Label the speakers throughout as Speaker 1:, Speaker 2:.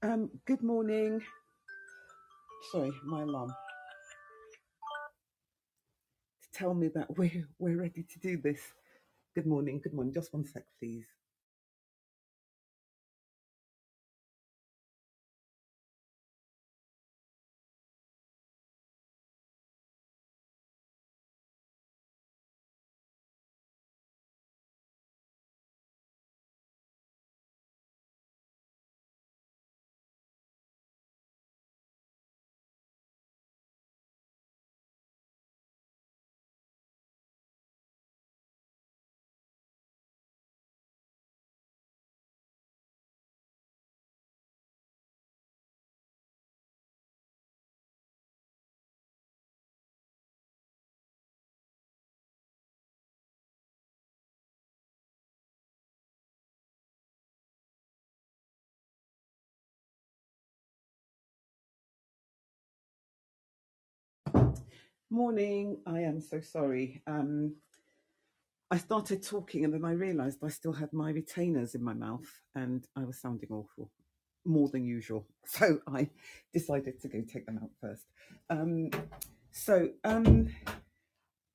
Speaker 1: Um, good morning. Sorry, my alarm to tell me that we're we're ready to do this. Good morning. Good morning. Just one sec, please. Morning. I am so sorry. Um, I started talking and then I realised I still had my retainers in my mouth and I was sounding awful, more than usual. So I decided to go take them out first. Um, so um,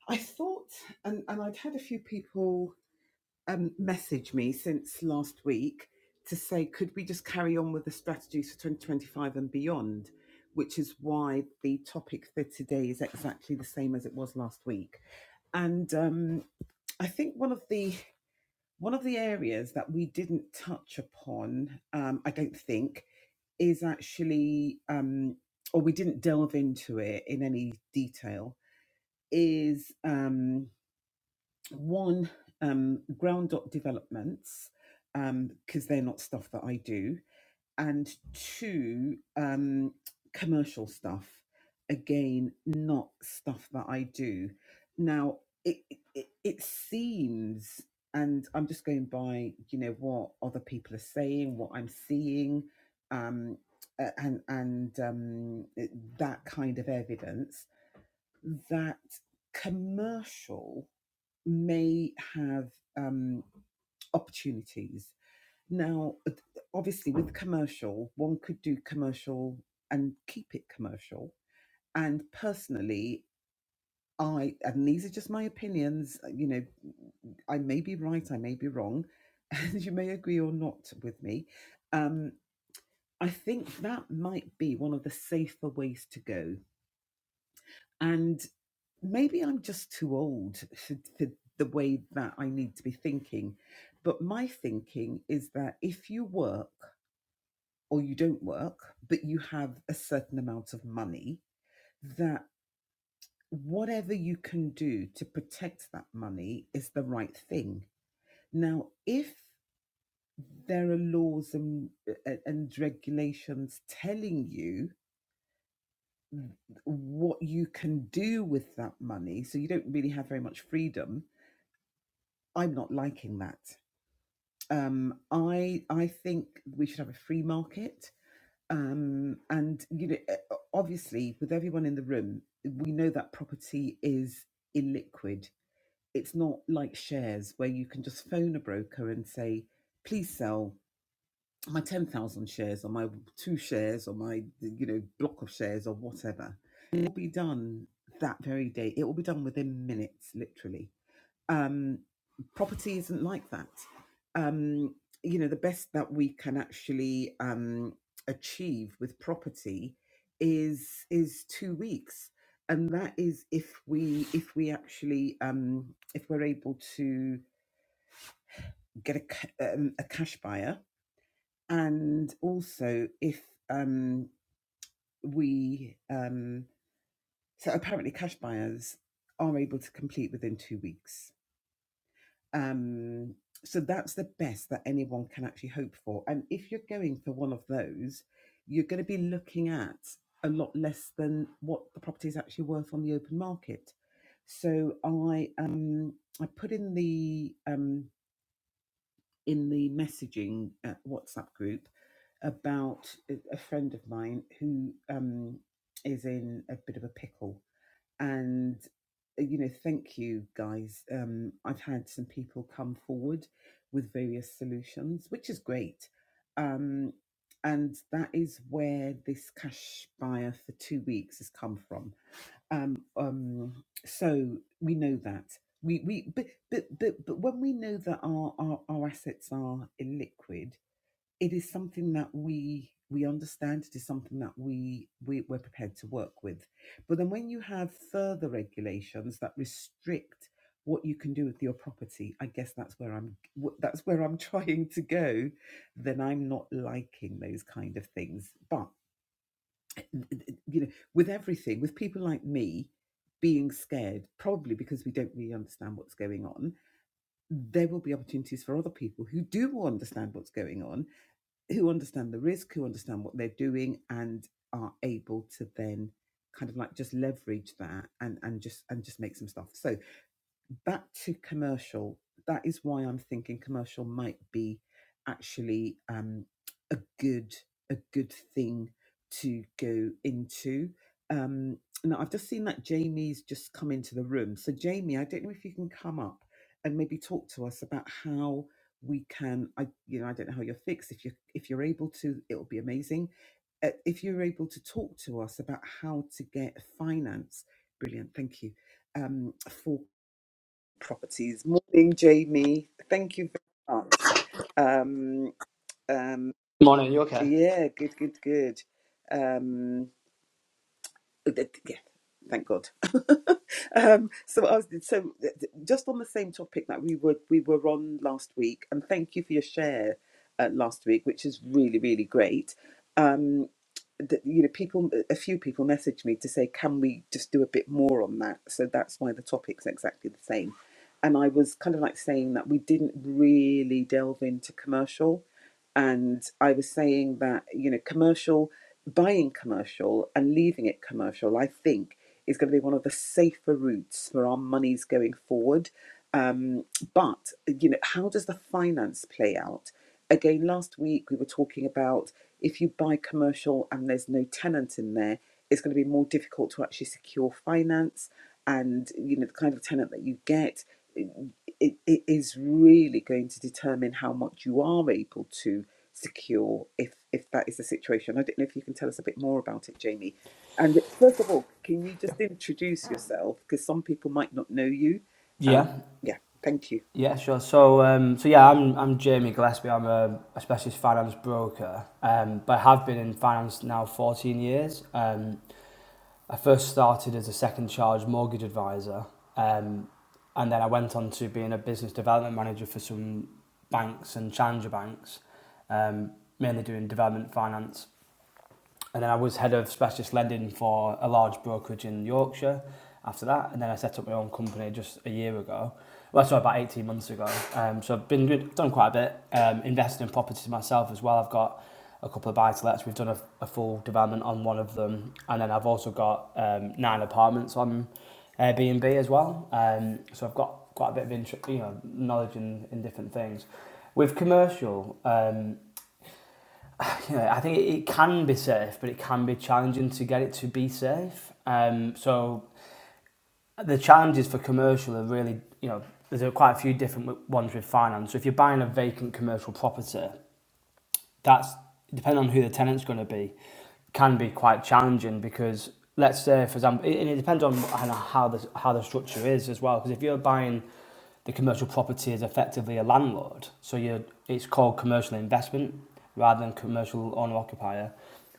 Speaker 1: I thought, and, and I'd had a few people um, messaged me since last week to say, could we just carry on with the strategies for 2025 and beyond? Which is why the topic for today is exactly the same as it was last week. And um, I think one of the one of the areas that we didn't touch upon, um, I don't think, is actually, um, or we didn't delve into it in any detail, is um, one um, ground dot developments um, because they're not stuff that I do, and two um, commercial stuff. Again, not stuff that I do. Now it, it it seems, and I'm just going by you know what other people are saying, what I'm seeing, um, and and um, that kind of evidence that commercial may have um, opportunities. Now, obviously, with commercial, one could do commercial and keep it commercial. And personally, I, and these are just my opinions, uh, you know, I may be right, I may be wrong, and you may agree or not with me. Um, I think that might be one of the safer ways to go. And maybe I'm just too old for, for the way that I need to be thinking. But my thinking is that if you work or you don't work, but you have a certain amount of money, that whatever you can do to protect that money is the right thing. Now, if there are laws and, uh, and regulations telling you what you can do with that money, so you don't really have very much freedom, I'm not liking that. Um, I I think we should have a free market. Um, and you know, eh, obviously, with everyone in the room, we know that property is illiquid. It's not like shares where you can just phone a broker and say, "Please sell my ten thousand shares, or my two shares, or my you know block of shares, or whatever." It will be done that very day. It will be done within minutes, literally um, property isn't like that. Um, you know, the best that we can actually um, achieve with property is is two weeks, and that is if we if we actually um, if we're able to get a, ca- um, a cash buyer, and also if um, we um, so apparently cash buyers are able to complete within two weeks Um, so that's the best that anyone can actually hope for. And if you're going for one of those, you're going to be looking at a lot less than what the property is actually worth on the open market. So I um I put in the um in the messaging uh, WhatsApp group about a a friend of mine who um is in a bit of a pickle and uh, you know thank you guys um i've had some people come forward with various solutions which is great um and that is where this cash buyer for two weeks has come from um um so we know that we we but but but, but when we know that our, our our assets are illiquid it is something that we we understand it is something that we, we we're prepared to work with but then when you have further regulations that restrict what you can do with your property i guess that's where i'm wh- that's where i'm trying to go then i'm not liking those kind of things but you know with everything with people like me being scared probably because we don't really understand what's going on there will be opportunities for other people who do understand what's going on who understand the risk, who understand what they're doing, and are able to then kind of like just leverage that and and just and just make some stuff. So back to commercial, that is why I'm thinking commercial might be actually um, a good a good thing to go into. Um, now I've just seen that Jamie's just come into the room. So Jamie, I don't know if you can come up and maybe talk to us about how we can. I you know I don't know how you're fixed. If you if you're able to, it'll be amazing. Uh, if you're able to talk to us about how to get finance, brilliant. Thank you um, for properties. Morning, Jamie. Thank you very much. Um, um,
Speaker 2: Morning, you okay?
Speaker 1: yeah, good, good, good. Um, th- yeah, thank God. Um, so I was so th- th- just on the same topic that we were we were on last week, and thank you for your share uh, last week, which is really really great. Um, that you know people a few people messaged me to say can we just do a bit more on that so that's why the topic's exactly the same and i was kind of like saying that we didn't really delve into commercial and i was saying that you know commercial buying commercial and leaving it commercial i think is going to be one of the safer routes for our monies going forward um, but you know how does the finance play out again last week we were talking about if you buy commercial and there's no tenant in there, it's going to be more difficult to actually secure finance. And you know the kind of tenant that you get, it, it it is really going to determine how much you are able to secure if if that is the situation. I don't know if you can tell us a bit more about it, Jamie. And first of all, can you
Speaker 2: Yeah.
Speaker 1: just introduce yourself because some people might not know you?
Speaker 2: Yeah,
Speaker 1: Yeah, thank you.
Speaker 2: yeah, sure. So, um, so yeah, I'm I'm Jamie Gillespie. I'm a, a specialist finance broker, um, but I have been in finance now 14 years. Um, I first started as a second charge mortgage advisor, um, and then I went on to being a business development manager for some banks and challenger banks, um, mainly doing development finance and then I was head of specialist lending for a large brokerage in Yorkshire after that. And then I set up my own company just a year ago. Well, sorry, about 18 months ago. Um, so I've been good, done quite a bit, um, invested in properties myself as well. I've got a couple of buy-to-lets. We've done a, a full development on one of them. And then I've also got um, nine apartments on Airbnb as well. Um, so I've got quite a bit of interest, you know, knowledge in, in different things. With commercial, um, you know, I think it, it can be safe, but it can be challenging to get it to be safe. Um, so the challenges for commercial are really, you know, there's quite a few different ones with finance. So if you're buying a vacant commercial property, that's depending on who the tenant's going to be, can be quite challenging because let's say, for example, and it depends on how the how the structure is as well. Because if you're buying the commercial property is effectively a landlord. So you it's called commercial investment rather than commercial owner occupier.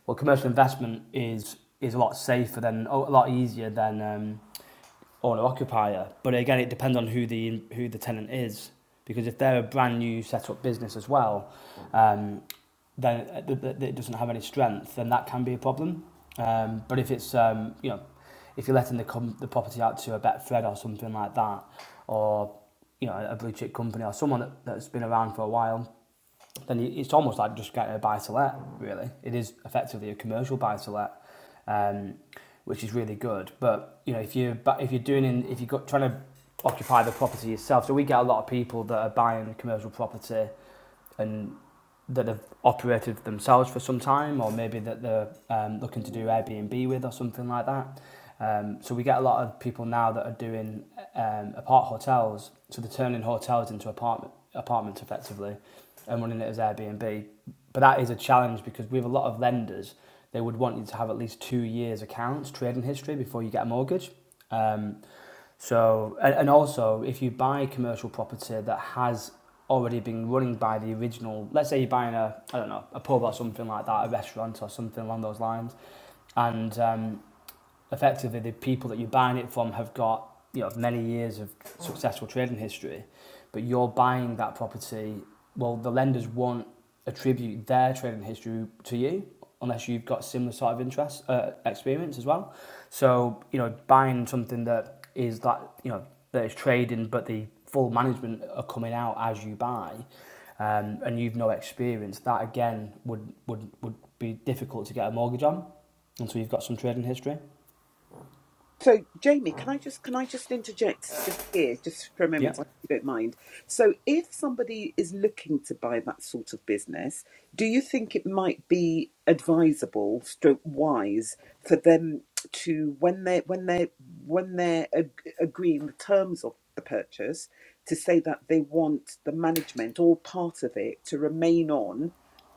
Speaker 2: Well, commercial investment is is a lot safer than a lot easier than um, owner occupier. But again, it depends on who the who the tenant is because if they're a brand new set up business as well, um, then uh, it doesn't have any strength, then that can be a problem. Um, but if it's um, you know, if you're letting the com- the property out to a Betfred or something like that, or you know a blue chip company or someone that, that's been around for a while, then it's almost like just getting a buy to let. Really, it is effectively a commercial buy to let, um, which is really good. But you know if you if you're doing in, if you're got, trying to occupy the property yourself, so we get a lot of people that are buying commercial property and that have operated themselves for some time, or maybe that they're um, looking to do Airbnb with or something like that. Um, so we get a lot of people now that are doing um, apart hotels, so they're turning hotels into apartment apartments effectively, and running it as Airbnb. But that is a challenge because we have a lot of lenders. They would want you to have at least two years accounts trading history before you get a mortgage. Um, so, and, and also, if you buy commercial property that has already been running by the original, let's say you're buying a, I don't know, a pub or something like that, a restaurant or something along those lines, and um, effectively the people that you're buying it from have got you know many years of successful trading history, but you're buying that property. Well, the lenders won't attribute their trading history to you unless you've got similar sort of interest uh, experience as well. So you know, buying something that is that you know that is trading, but the full management are coming out as you buy, um, and you've no experience. That again would would would be difficult to get a mortgage on until you've got some trading history.
Speaker 1: So, Jamie, can I just can I just interject just here, just for a
Speaker 2: Yeah.
Speaker 1: moment, if you don't mind? So, if somebody is looking to buy that sort of business, do you think it might be advisable, stroke wise, for them to when they when they when they're ag- agreeing the terms of the purchase, to say that they want the management or part of it to remain on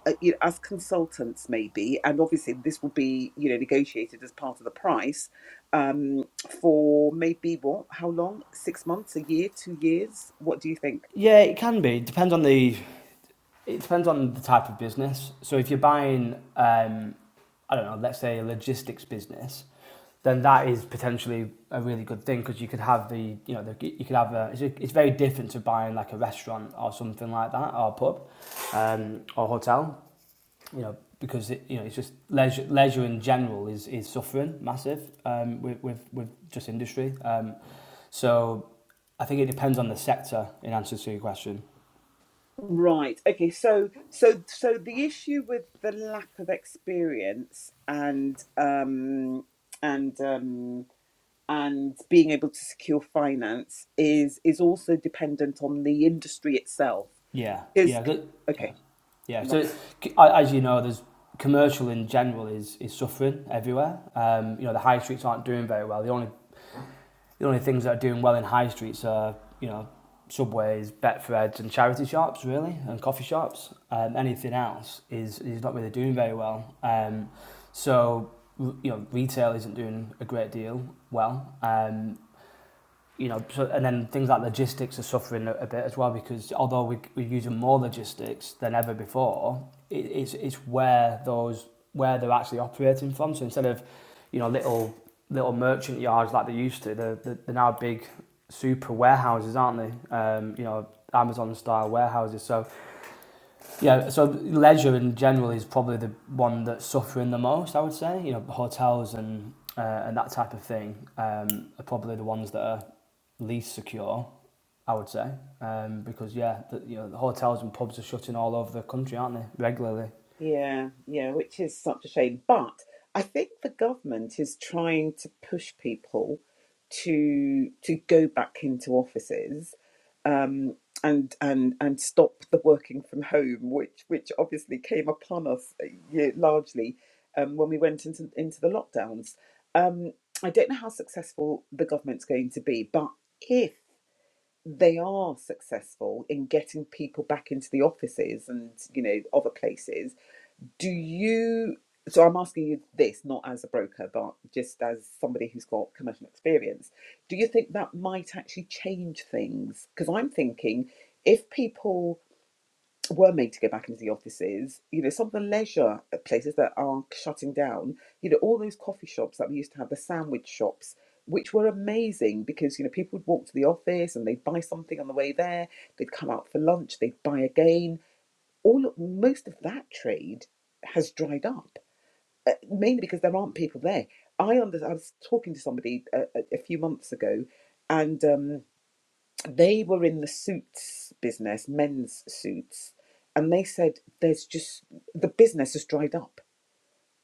Speaker 1: uh, you know, as consultants maybe and obviously this will be you know negotiated as part of the price um, for maybe what? How long? Six months? A year? Two years? What do you think?
Speaker 2: Yeah, it can be. It depends on the it depends on the type of business. So if you're buying um, I don't know, let's say a logistics business, then that is potentially a really good thing because you could have the you know the, you could have a it's, a, it's very different to buying like a restaurant or something like that or a pub um, or hotel you know, because it, you know it's just leisure, leisure in general is is suffering massive um, with, with with just industry. Um, so I think it depends on the sector. In answer to your question,
Speaker 1: Right. Okay. So, so, so the issue with the lack of experience and um, and um, and being able to secure finance is is also dependent on the industry itself.
Speaker 2: yeah,
Speaker 1: Because
Speaker 2: yeah, good, yeah,
Speaker 1: okay,
Speaker 2: yeah. So it's, as you know, there's commercial in general is is suffering everywhere. Um, you know, the high streets aren't doing very well. The only the only things that are doing well in high streets are, you know, subways, Betfreds, and charity shops, really, and coffee shops. Um, anything else is is not really doing very well. Um, so you know, retail isn't doing a great deal well. Um, you know, so, and then things like logistics are suffering a, a bit as well because although we, we're using more logistics than ever before, it, it's it's where those where they're actually operating from. So instead of you know little little merchant yards like they used to, they're, they're now big super warehouses, aren't they? Um, you know, Amazon style warehouses. So yeah, so leisure in general is probably the one that's suffering the most. I would say you know hotels and uh, and that type of thing um, are probably the ones that are least secure, I would say, um, because yeah, the, you know the hotels and pubs are shutting all over the country, aren't they? Regularly.
Speaker 1: Yeah, yeah, which is such a shame. But I think the government is trying to push people to to go back into offices um, and and and stop the working from home, which which obviously came upon us uh, yeah, largely um, when we went into into the lockdowns. Um, I don't know how successful the government's going to be, but if they are successful in getting people back into the offices and you know other places do you so i'm asking you this not as a broker but just as somebody who's got commercial experience do you think that might actually change things because i'm thinking if people were made to go back into the offices you know some of the leisure places that are shutting down you know all those coffee shops that we used to have the sandwich shops which were amazing because you know people would walk to the office and they'd buy something on the way there they'd come out for lunch they'd buy again all of- most of that trade has dried up, uh, mainly because there aren't people there. I under, I was talking to somebody a, a, a few months ago, and um, they were in the suits business, men's suits, and they said there's just the business has dried up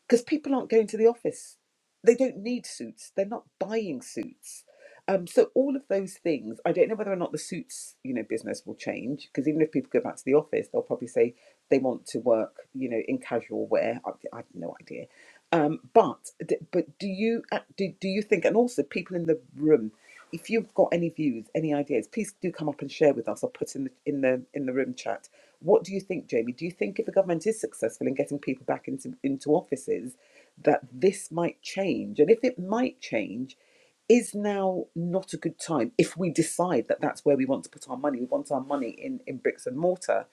Speaker 1: because people aren't going to the office. They don't need suits. They're not buying suits. Um, so all of those things, I don't know whether or not the suits, you know, business will change because even if people go back to the office, they'll probably say they want to work, you know, in casual wear. I, I have no idea. Um, but d- but do you uh, do, do you think, and also people in the room, if you've got any views, any ideas, please do come up and share with us or put in the in the in the room chat. What do you think, Jamie? Do you think if the government is successful in getting people back into into offices, that this might change? And if it might change, is now not a good time if we decide that that's where we want to put our money. We want our money in in bricks and mortar.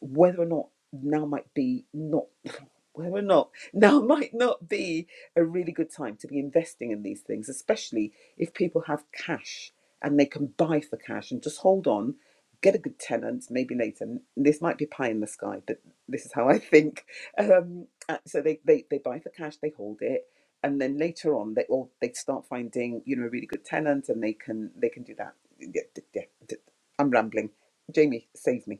Speaker 1: Whether or not now might be not. why we're not now might not be a really good time to be investing in these things especially if people have cash and they can buy for cash and just hold on get a good tenant maybe later and this might be pie in the sky but this is how i think um, uh, so they, they they buy for cash they hold it and then later on they or they start finding you know a really good tenant and they can they can do that yeah, yeah, yeah. d- i'm rambling jamie save me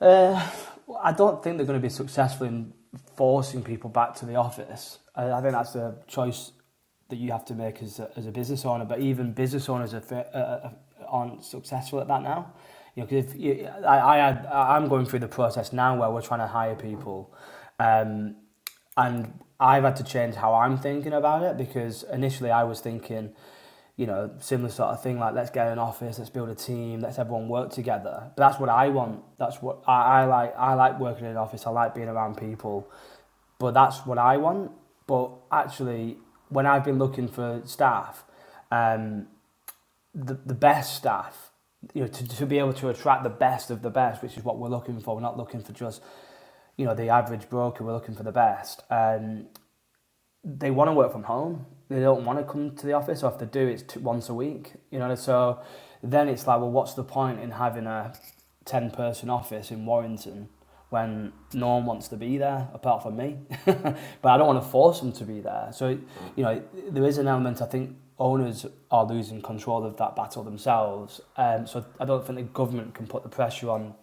Speaker 2: Uh, well, I don't think they're going to be successful in forcing people back to the office. I, I think that's a choice that you have to make as a, as a business owner. But even business owners are, uh, uh, aren't successful at that now. You know, 'cause if you, I, I I'm going through the process now where we're trying to hire people, um, and I've had to change how I'm thinking about it because initially I was thinking you know, similar sort of thing. Like, let's get an office, let's build a team, let's everyone work together. But that's what I want. That's what I, I like. I like working in an office. I like being around people. But that's what I want. But actually, when I've been looking for staff, um, the the best staff, you know, to, to be able to attract the best of the best, which is what we're looking for. We're not looking for just, you know, the average broker. We're looking for the best. Um, they want to work from home. They don't want to come to the office, or if they do, it's t- once a week. You know, so then it's like, well, what's the point in having a ten-person office in Warrington when no one wants to be there apart from me? but I don't want to force them to be there. So you know, there is an element I think owners are losing control of that battle themselves. Um, so I don't think the government can put the pressure on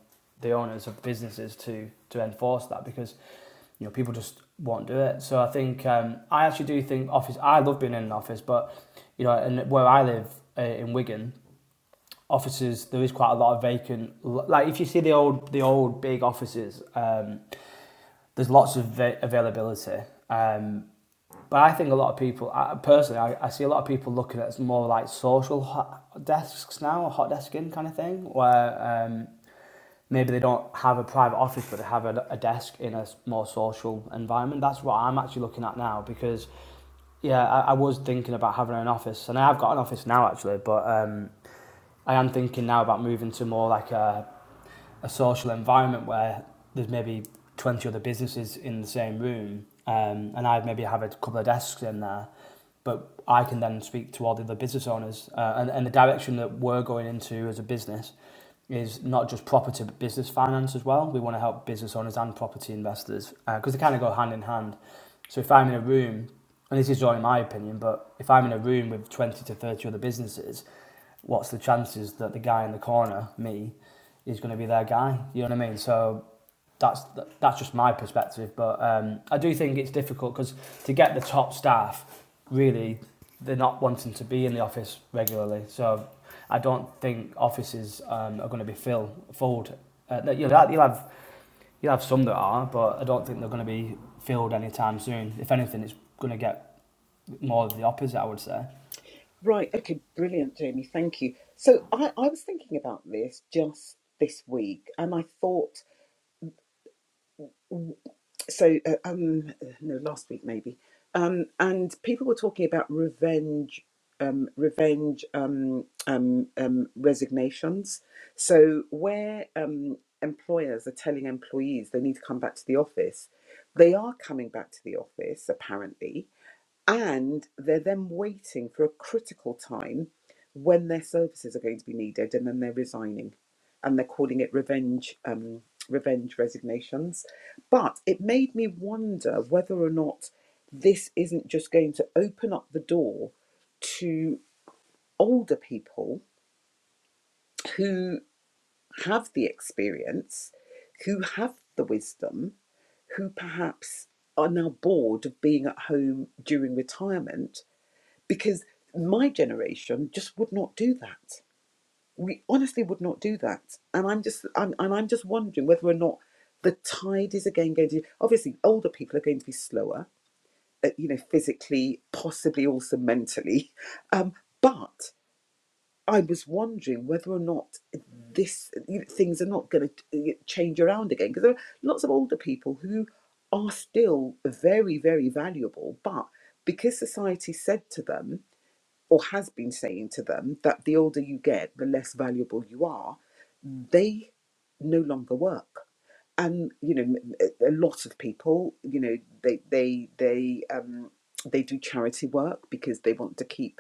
Speaker 2: the owners of businesses to to enforce that because you know people just won't do it. So I think um, I actually do think office. I love being in an office, but you know, and where I live uh, in Wigan, offices there is quite a lot of vacant. Like if you see the old the old big offices, um, there's lots of va- availability. Um, but I think a lot of people, I, personally, I, I see a lot of people looking at more like social hot desks now, or hot desking kind of thing, where um, maybe they don't have a private office, but they have a, a desk in a more social environment. That's what I'm actually looking at now because, yeah, I, I was thinking about having an office, and I've got an office now actually, but um, I am thinking now about moving to more like a, a social environment where there's maybe 20 other businesses in the same room, um, and I maybe have a couple of desks in there. But I can then speak to all the other business owners uh, and, and the direction that we're going into as a business is not just property to business finance as well. We want to help business owners and property investors because uh, they kind of go hand in hand. So if I'm in a room, and this is only my opinion, but if I'm in a room with 20 to 30 other businesses, what's the chances that the guy in the corner, me, is going to be their guy? You know what I mean? So that's that's just my perspective. But um, I do think it's difficult because to get the top staff, really, they're not wanting to be in the office regularly. So I don't think offices um, are going to be fill, filled. Uh, you'll, have, you'll have you'll have some that are, but I don't think they're going to be filled anytime soon. If anything, it's going to get more of the opposite. I would say.
Speaker 1: Right. Okay. Brilliant, Jamie. Thank you. So I, I was thinking about this just this week, and I thought so. Uh, um, no, last week maybe. Um, and people were talking about revenge, um, revenge, um, um, um, resignations. So where um, employers are telling employees they need to come back to the office, they are coming back to the office apparently, and they're then waiting for a critical time when their services are going to be needed, and then they're resigning, and they're calling it revenge, um, revenge resignations. But it made me wonder whether or not this isn't just going to open up the door to older people who have the experience, who have the wisdom, who perhaps are now bored of being at home during retirement because my generation just would not do that. We honestly would not do that, and I'm just I'm, and I'm just wondering whether or not the tide is again going to. Obviously, older people are going to be slower, uh, you know, physically, possibly also mentally. Um, but I was wondering whether or not this you know, things are not going to change around again because there are lots of older people who are still very very valuable, but because society said to them or has been saying to them that the older you get, the less valuable you are, they no longer work. And you know, m- a a lot of people, you know, they they they um, they do charity work because they want to keep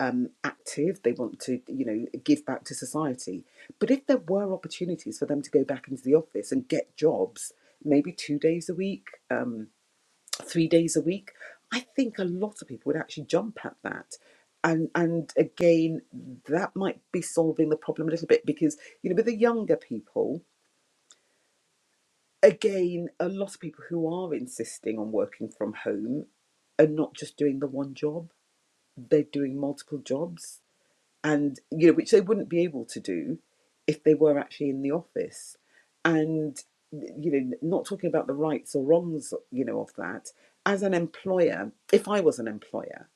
Speaker 1: um, active. They want to, you know, give back to society. But if there were opportunities for them to go back into the office and get jobs, maybe two days a week. Um, three days a week, I think a lot of people would actually jump at that. And and again, that might be solving the problem a little bit because you know with the younger people, again, a lot of people who are insisting on working from home are not just doing the one job; they're doing multiple jobs and you know which they wouldn't be able to do if they were actually in the office and you know not talking about the rights or wrongs you know of that as an employer if i was an employer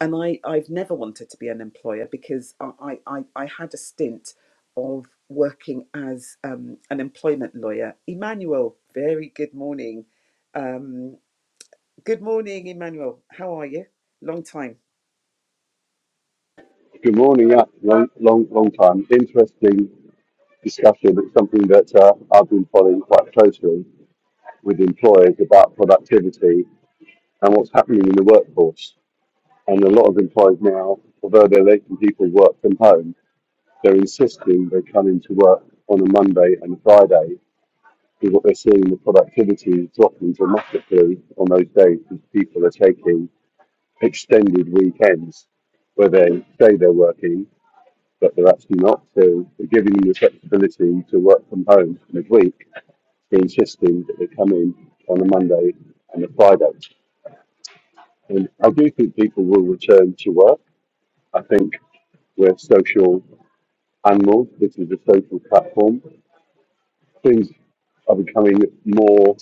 Speaker 1: and i i've never wanted to be an employer because i i, I had a stint of working as um, an employment lawyer emmanuel very good morning um, good morning emmanuel how are you long time
Speaker 3: Good morning. Yeah, long, long, long time. Interesting discussion. It's something that uh, I've been following quite closely with employers about productivity and what's happening in the workforce. And a lot of employers now, although they're letting people work from home, they're insisting they come into work on a Monday and a Friday. Because what they're seeing, the productivity is dropping dramatically on those days because people are taking extended weekends where they say they're working but they're actually not. So they're giving them the flexibility to work from home midweek, they're insisting that they come in on a Monday and a Friday. And I do think people will return to work. I think we're social animals. This is a social platform. Things are becoming more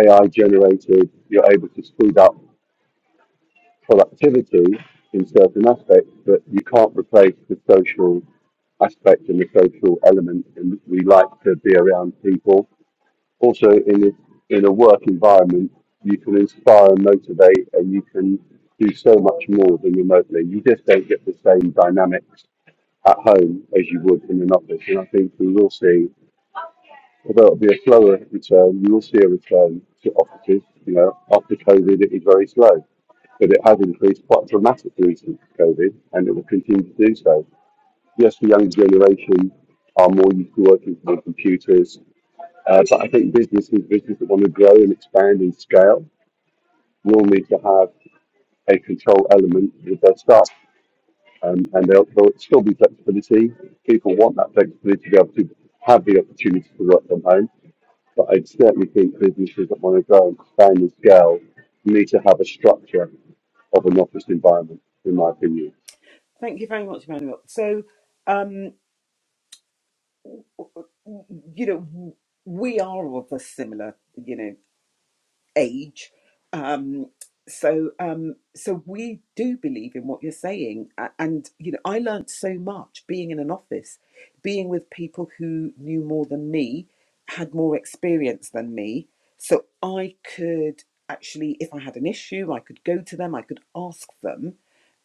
Speaker 3: AI generated. You're able to speed up productivity in certain aspects, but you can't replace the social aspect and the social element. And we like to be around people. Also, in a, in a work environment, you can inspire and motivate, and you can do so much more than remotely. You just don't get the same dynamics at home as you would in an office. And I think we will see Although it'll be a slower return, you will see a return to offices. You know, after COVID, it was very slow, but it has increased quite dramatically since COVID, and it will continue to do so. Yes, the younger generation are more used to working from computers, uh, but I think businesses, businesses that want to grow and expand in scale, will need to have a control element with their staff, um, and there'll, there'll still be flexibility. People want that flexibility to be able to have the opportunity to work from home But I certainly think businesses that want to grow and expand and scale need to have a structure of an office environment, in my opinion.
Speaker 1: thank you very much emmanuel so um, you know, we are of a similar, you know, age. Um, so, um, so we do believe in what you're saying, A- and you know, I learnt so much being in an office, being with people who knew more than me, had more experience than me, so I could actually, if I had an issue, I could go to them, I could ask them,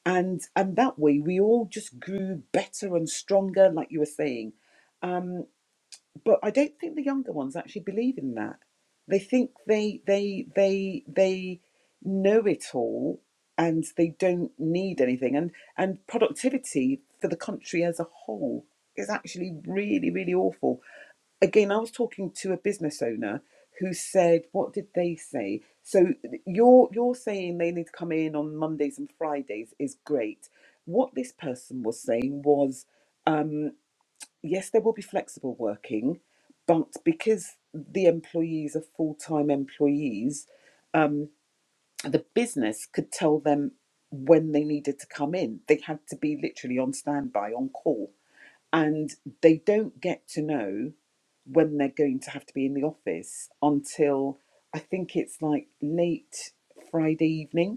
Speaker 1: and and that way we all just grew better and stronger, like you were saying Um, but I don't think the younger ones actually believe in that. They think they they they they know it all and they don't need anything. And and productivity for the country as a whole is actually really really awful. Again, I was talking to a business owner who said, "What did they say?" So you're you're saying they need to come in on Mondays and Fridays is great. What this person was saying was um, yes, there will be flexible working, but because the employees are full time employees, um, the business could tell them when they needed to come in. They had to be literally on standby, on call, and they don't get to know when they're going to have to be in the office until I think it's like late Friday evening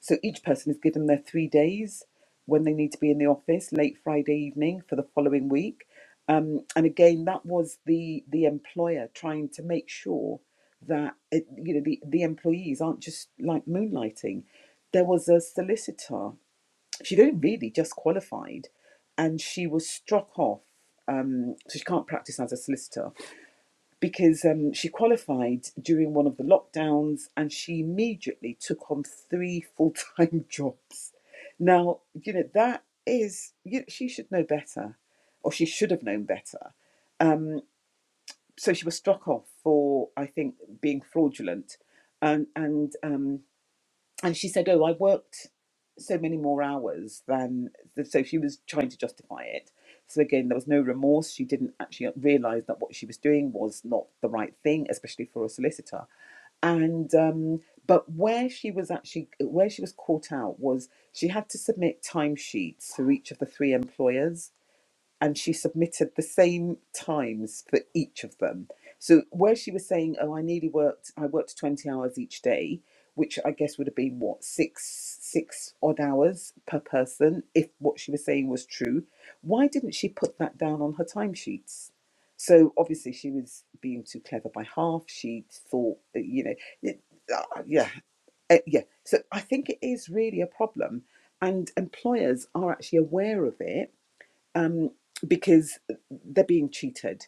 Speaker 1: so each person is given their three days when they need to be in the office late Friday evening for the following week. Um, and again, that was the the employer trying to make sure that it, you know the, the employees aren't just like moonlighting. There was a solicitor; she'd only really just qualified, and she was struck off. Um, so she can't practice as a solicitor because um, she qualified during one of the lockdowns and she immediately took on three full time jobs. Now, you know, that is, you, she should know better, or she should have known better. So she was struck off for, I think, being fraudulent. And, and um, and she said, "Oh, I worked so many more hours than so." She was trying to justify it. So again, there was no remorse. She didn't actually realise that what she was doing was not the right thing, especially for a solicitor. And um, but where she was actually where she was caught out was she had to submit timesheets for each of the three employers and she submitted the same times for each of them. So where she was saying, "Oh, I nearly worked. I worked twenty hours each day," which I guess would have been what six six odd hours per person, if what she was saying was true. Why didn't she put that down on her timesheets? So obviously she was being too clever by half. She thought, that, you know, it, ah, yeah, eh, yeah. So I think it is really a problem, and employers are actually aware of it um, because they're being cheated.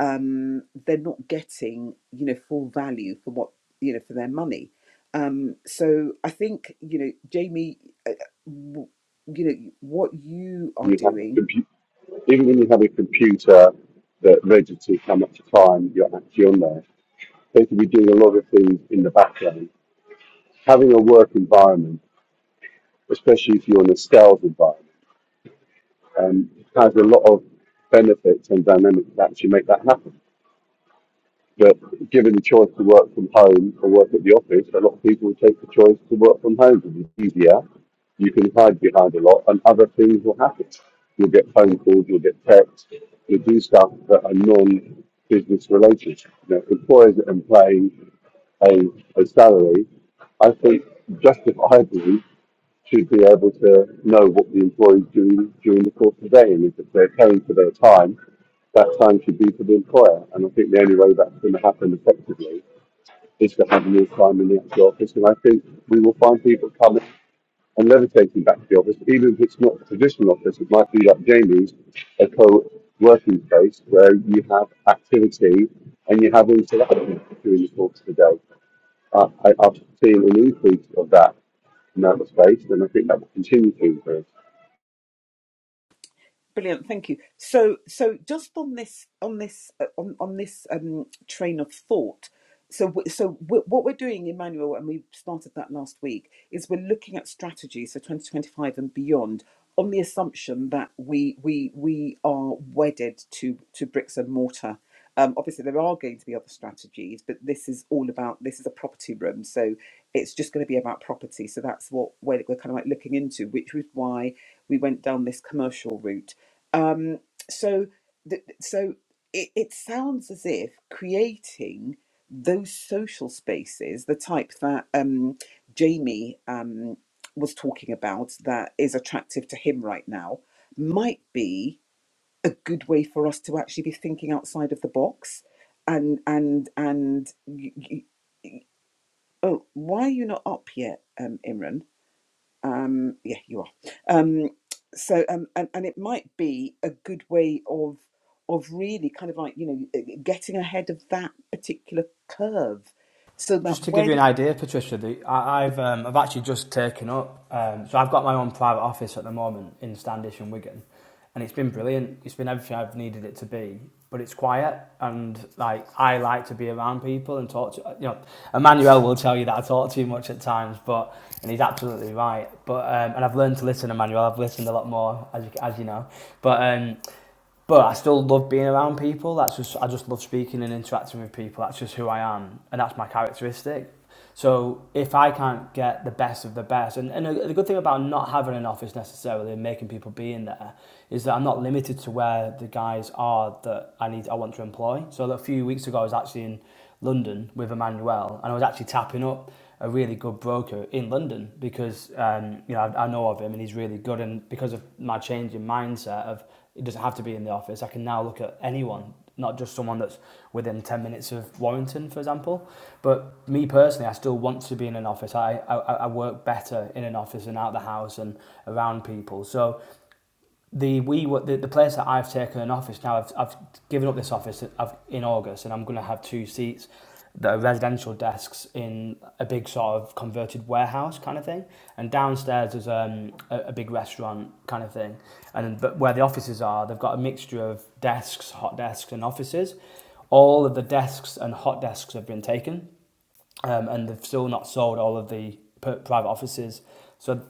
Speaker 1: Um, they're not getting, you know, full value for what you know for their money. Um, so I think you know, Jamie, uh, w- you know what you are
Speaker 3: You have a
Speaker 1: doing
Speaker 3: compu- even when you have a computer that registers how much time you're actually on there, they could be doing a lot of things in the background. Having a work environment, especially if you're in a sales environment, um, has a lot of benefits and dynamics that actually make that happen. But given the choice to work from home or work at the office, a lot of people will take the choice to work from home because it's easier. You can hide behind a lot, and other things will happen. You'll get phone calls, you'll get texts, you'll do stuff that are non-business related. You know, employers that are paying a, a salary, I think justifiably should be able to know what the employee's doing during the course of the day. And if they're paying for their time, that time should be for the employer. And I think the only way that's going to happen effectively is to have more time in the actual office. And I think we will find people coming and levitating back to the office, even if it's not a traditional office. It might be like Jamie's, a co-working space where you have activity and you have interaction during the course of the day. I, I, I've seen an increase of that in that space, and I think that will continue to increase.
Speaker 1: Brilliant, thank you. So, so just on this, on this, uh, on on this um, train of thought. So, w- so w- what we're doing, Emmanuel, and we started that last week, is we're looking at strategies for 2025 and beyond, on the assumption that we we we are wedded to to bricks and mortar. Um, obviously, there are going to be other strategies, but this is all about this is a property room, so it's just going to be about property. So that's what we're, we're kind of like looking into, which was why we went down this commercial route. Um, so, th- so it, it sounds as if creating those social spaces, the type that um, Jamie um, was talking about, that is attractive to him right now, might be a good way for us to actually be thinking outside of the box. And and and y y oh, why are you not up yet, um, Imran? Um, yeah, you are. Um, so, um, and, and it might be a good way of of really kind of like you know eh, getting ahead of that particular curve, so that
Speaker 2: Just to give you
Speaker 1: when
Speaker 2: an idea, Patricia, the, I, I've um, I've actually just taken up. Um, so I've got my own private office at the moment in Standish and Wigan, and it's been brilliant. It's been everything I've needed it to be, but it's quiet and like I like to be around people and talk to you know. Emmanuel will tell you that I talk too much at times, but and he's absolutely right. But um, and I've learned to listen, Emmanuel. I've listened a lot more as you, as you know. But um, but I still love being around people. That's just I just love speaking and interacting with people. That's just who I am, and that's my characteristic. So if I can't get the best of the best, and, and the good thing about not having an office necessarily and making people be in there is that I'm not limited to where the guys are that I need I want to employ. So a few weeks ago I was actually in London with Emmanuel and I was actually tapping up a really good broker in London because um, you know I, I know of him and he's really good and because of my change in mindset of it doesn't have to be in the office I can now look at anyone not just someone that's within 10 minutes of Warrington, for example. But me personally, I still want to be in an office. I, I, I work better in an office and out of the house and around people. So the we the, the place that I've taken an office now. I've, I've given up this office I've, in August, and I'm going to have two seats that are residential desks in a big sort of converted warehouse kind of thing. And downstairs is um, a, a big restaurant kind of thing. And but where the offices are, they've got a mixture of desks, hot desks, and offices. All of the desks and hot desks have been taken um, and they've still not sold all of the private offices. So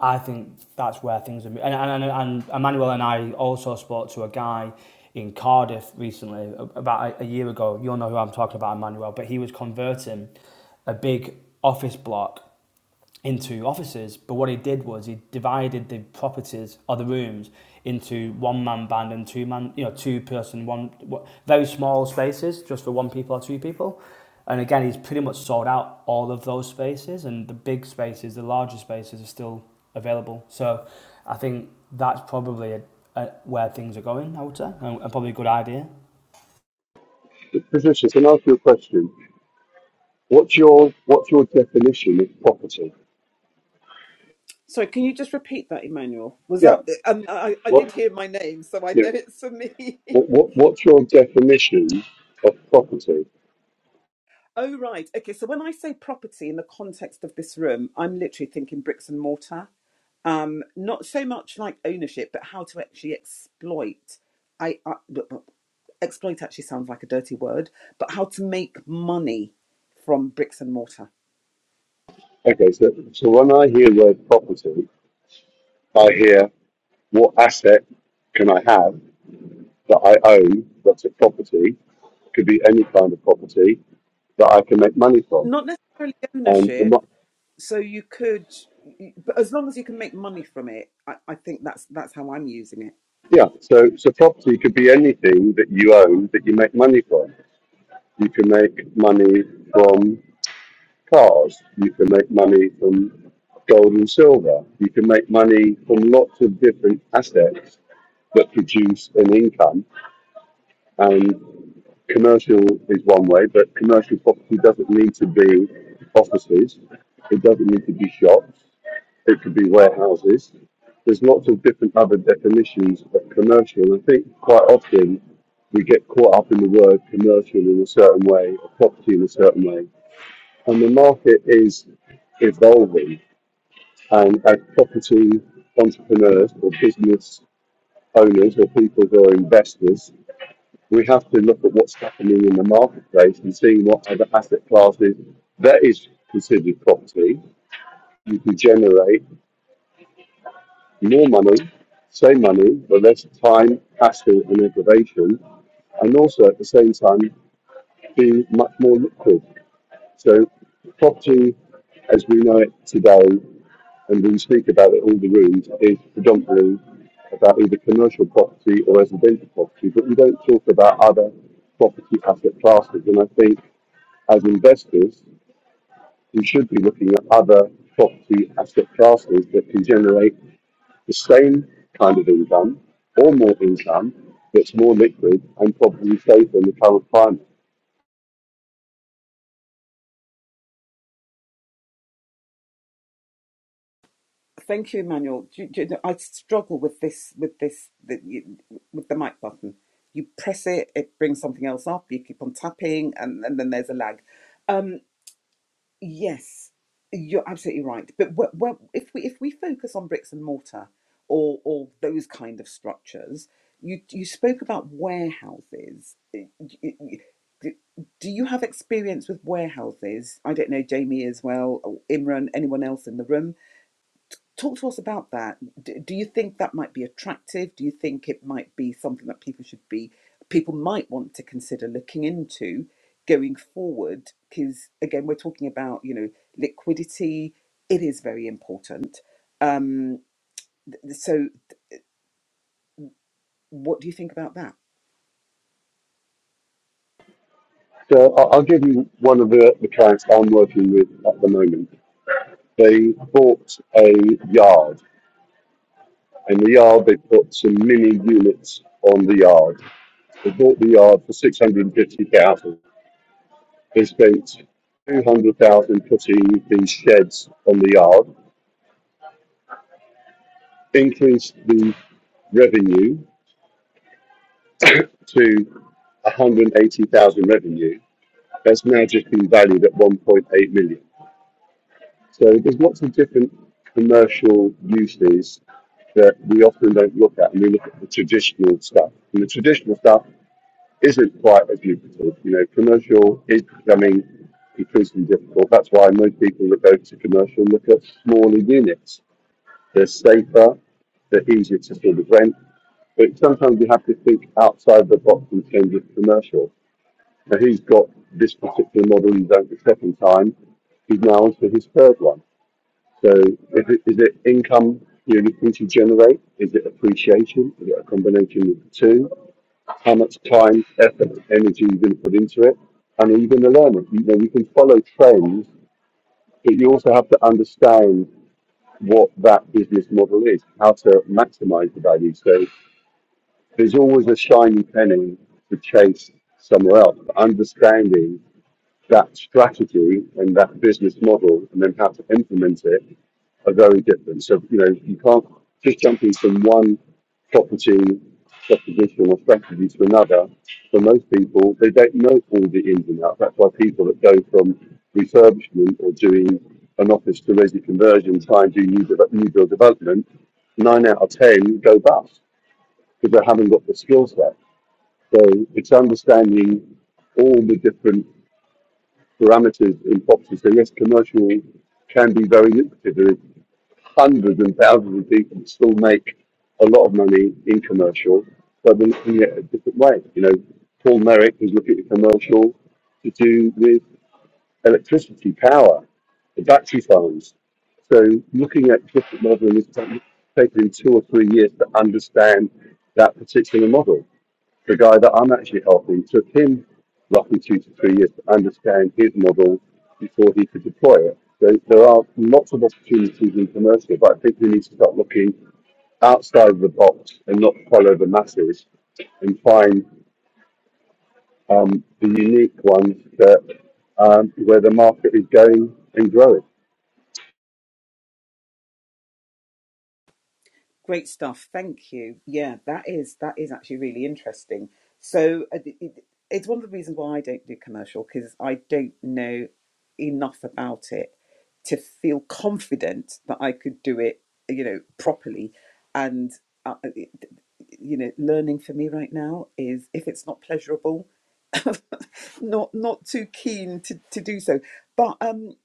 Speaker 2: I think that's where things are. And, and, and Emmanuel and I also spoke to a guy in Cardiff recently, about a, a year ago. You'll know who I'm talking about, Emmanuel, but he was converting a big office block into offices. But what he did was he divided the properties or the rooms into one man band and two man, you know, two person, one very small spaces just for one people or two people. And again, he's pretty much sold out all of those spaces, and the big spaces, the larger spaces, are still available. So I think that's probably a, a, where things are going, I would say, and, and probably a good idea.
Speaker 3: But Patricia, can I ask you a question? What's your what's your definition of property?
Speaker 1: sorry, can you just repeat that, Emmanuel? Was
Speaker 3: Yeah.
Speaker 1: that um, I I
Speaker 3: What
Speaker 1: did hear my name, so I
Speaker 3: yeah.
Speaker 1: know it's for me.
Speaker 3: What, what what's your definition of property?
Speaker 1: oh right, okay. So when I say property in the context of this room, I'm literally thinking bricks and mortar. um, not so much like ownership, but how to actually exploit. I, I exploit actually sounds like a dirty word, but how to make money from bricks and mortar.
Speaker 3: Okay, so so when I hear the word property, I hear what asset can I have that I own that's a property, could be any kind of property that I can make money from.
Speaker 1: Not necessarily
Speaker 3: And the,
Speaker 1: ownership.
Speaker 3: mo-
Speaker 1: So you could, but as long as you can make money from it, I, I think that's that's how I'm using it.
Speaker 3: Yeah, so so property could be anything that you own that you make money from. You can make money from cars. You can make money from gold and silver. You can make money from lots of different assets that produce an income. And commercial is one way, but commercial property doesn't need to be offices. It doesn't need to be shops. It could be warehouses. There's lots of different other definitions of commercial. And I think quite often we get caught up in the word commercial in a certain way, or property in a certain way. And the market is evolving. And as property entrepreneurs or business owners or people who are investors, we have to look at what's happening in the marketplace and seeing what other asset classes that is considered property you can generate more money, same money, but less time, hassle, and aggravation, and also at the same time being much more liquid. So, property as we know it today, and we speak about it all the rooms, is predominantly about either commercial property or residential property, but we don't talk about other property asset classes. And I think as investors, we should be looking at other property asset classes that can generate the same kind of income or more income that's more liquid and probably safer in the current climate.
Speaker 1: Thank you, Emmanuel. Do, do, I struggle with this with this the, with the mic button. You press it, it brings something else up. You keep on tapping, and, and then there's a lag. Um, Yes, you're absolutely right. But wh- wh- if we if we focus on bricks and mortar or or those kind of structures, you you spoke about warehouses. Y- y- y- d- Do you have experience with warehouses? I don't know, Jamie as well, or Imran, anyone else in the room? Talk to us about that. Do, do you think that might be attractive? Do you think it might be something that people should be, people might want to consider looking into going forward? Because again, we're talking about, you know, liquidity, it is very important. Um, so, what do you think about that?
Speaker 3: So I- I'll give you one of the, the clients I'm working with at the moment. They bought a yard, and the yard they put some mini units on the yard. They bought the yard for six hundred and fifty thousand. They spent two hundred thousand putting these sheds on the yard, increased the revenue to 180,000 revenue that's magically valued at 1.8 million. So there's lots of different commercial uses that we often don't look at, and we look at the traditional stuff. And the traditional stuff isn't quite as lucrative. You know, commercial is becoming increasingly difficult. That's why most people that go to commercial look at smaller units. They're safer, they're easier to sort of rent. But sometimes you have to think outside the box in terms of commercial. So he's got this particular model He's done not get second time. He's now on to his third one. So is it, is it income you know, need to generate? Is it appreciation? Is it a combination of the two? How much time, effort, energy you're going to put into it? And are you going to learn it? You know, you can follow trends, but you also have to understand what that business model is, how to maximize the value. So there's always a shiny penny to chase somewhere else. But understanding that strategy and that business model and then how to implement it are very different. So, you know, you can't just jumping from one property proposition or strategy to another. For most people, they don't know all the ins and outs. That's why people that go from refurbishment or doing an office to resi conversion, try and do new, de- new build development, nine out of 10 go bust because they haven't got the skill set. So it's understanding all the different parameters in property. So yes, commercial can be very lucrative. There is hundreds and thousands of people that still make a lot of money in commercial, but they're looking at it a different way. You know, Paul Merrick is looking at commercial to do with electricity, power, the battery farms. So looking at different modelling is taking two or three years to understand that particular model the guy that I'm actually helping took him roughly two to three years to understand his model before he could deploy it. There, there are lots of opportunities in commercial, but I think we need to start looking outside of the box and not follow the masses and find um, the unique ones that um, where the market is going and growing.
Speaker 1: Great stuff. Thank you. Yeah, that is that is actually really interesting. So uh, it, it- it's one of the reasons why I don't do commercial because I don't know enough about it to feel confident that I could do it, you know, properly. And uh, it- you know, learning for me right now is if it's not pleasurable, not not too keen to, to do so. But um,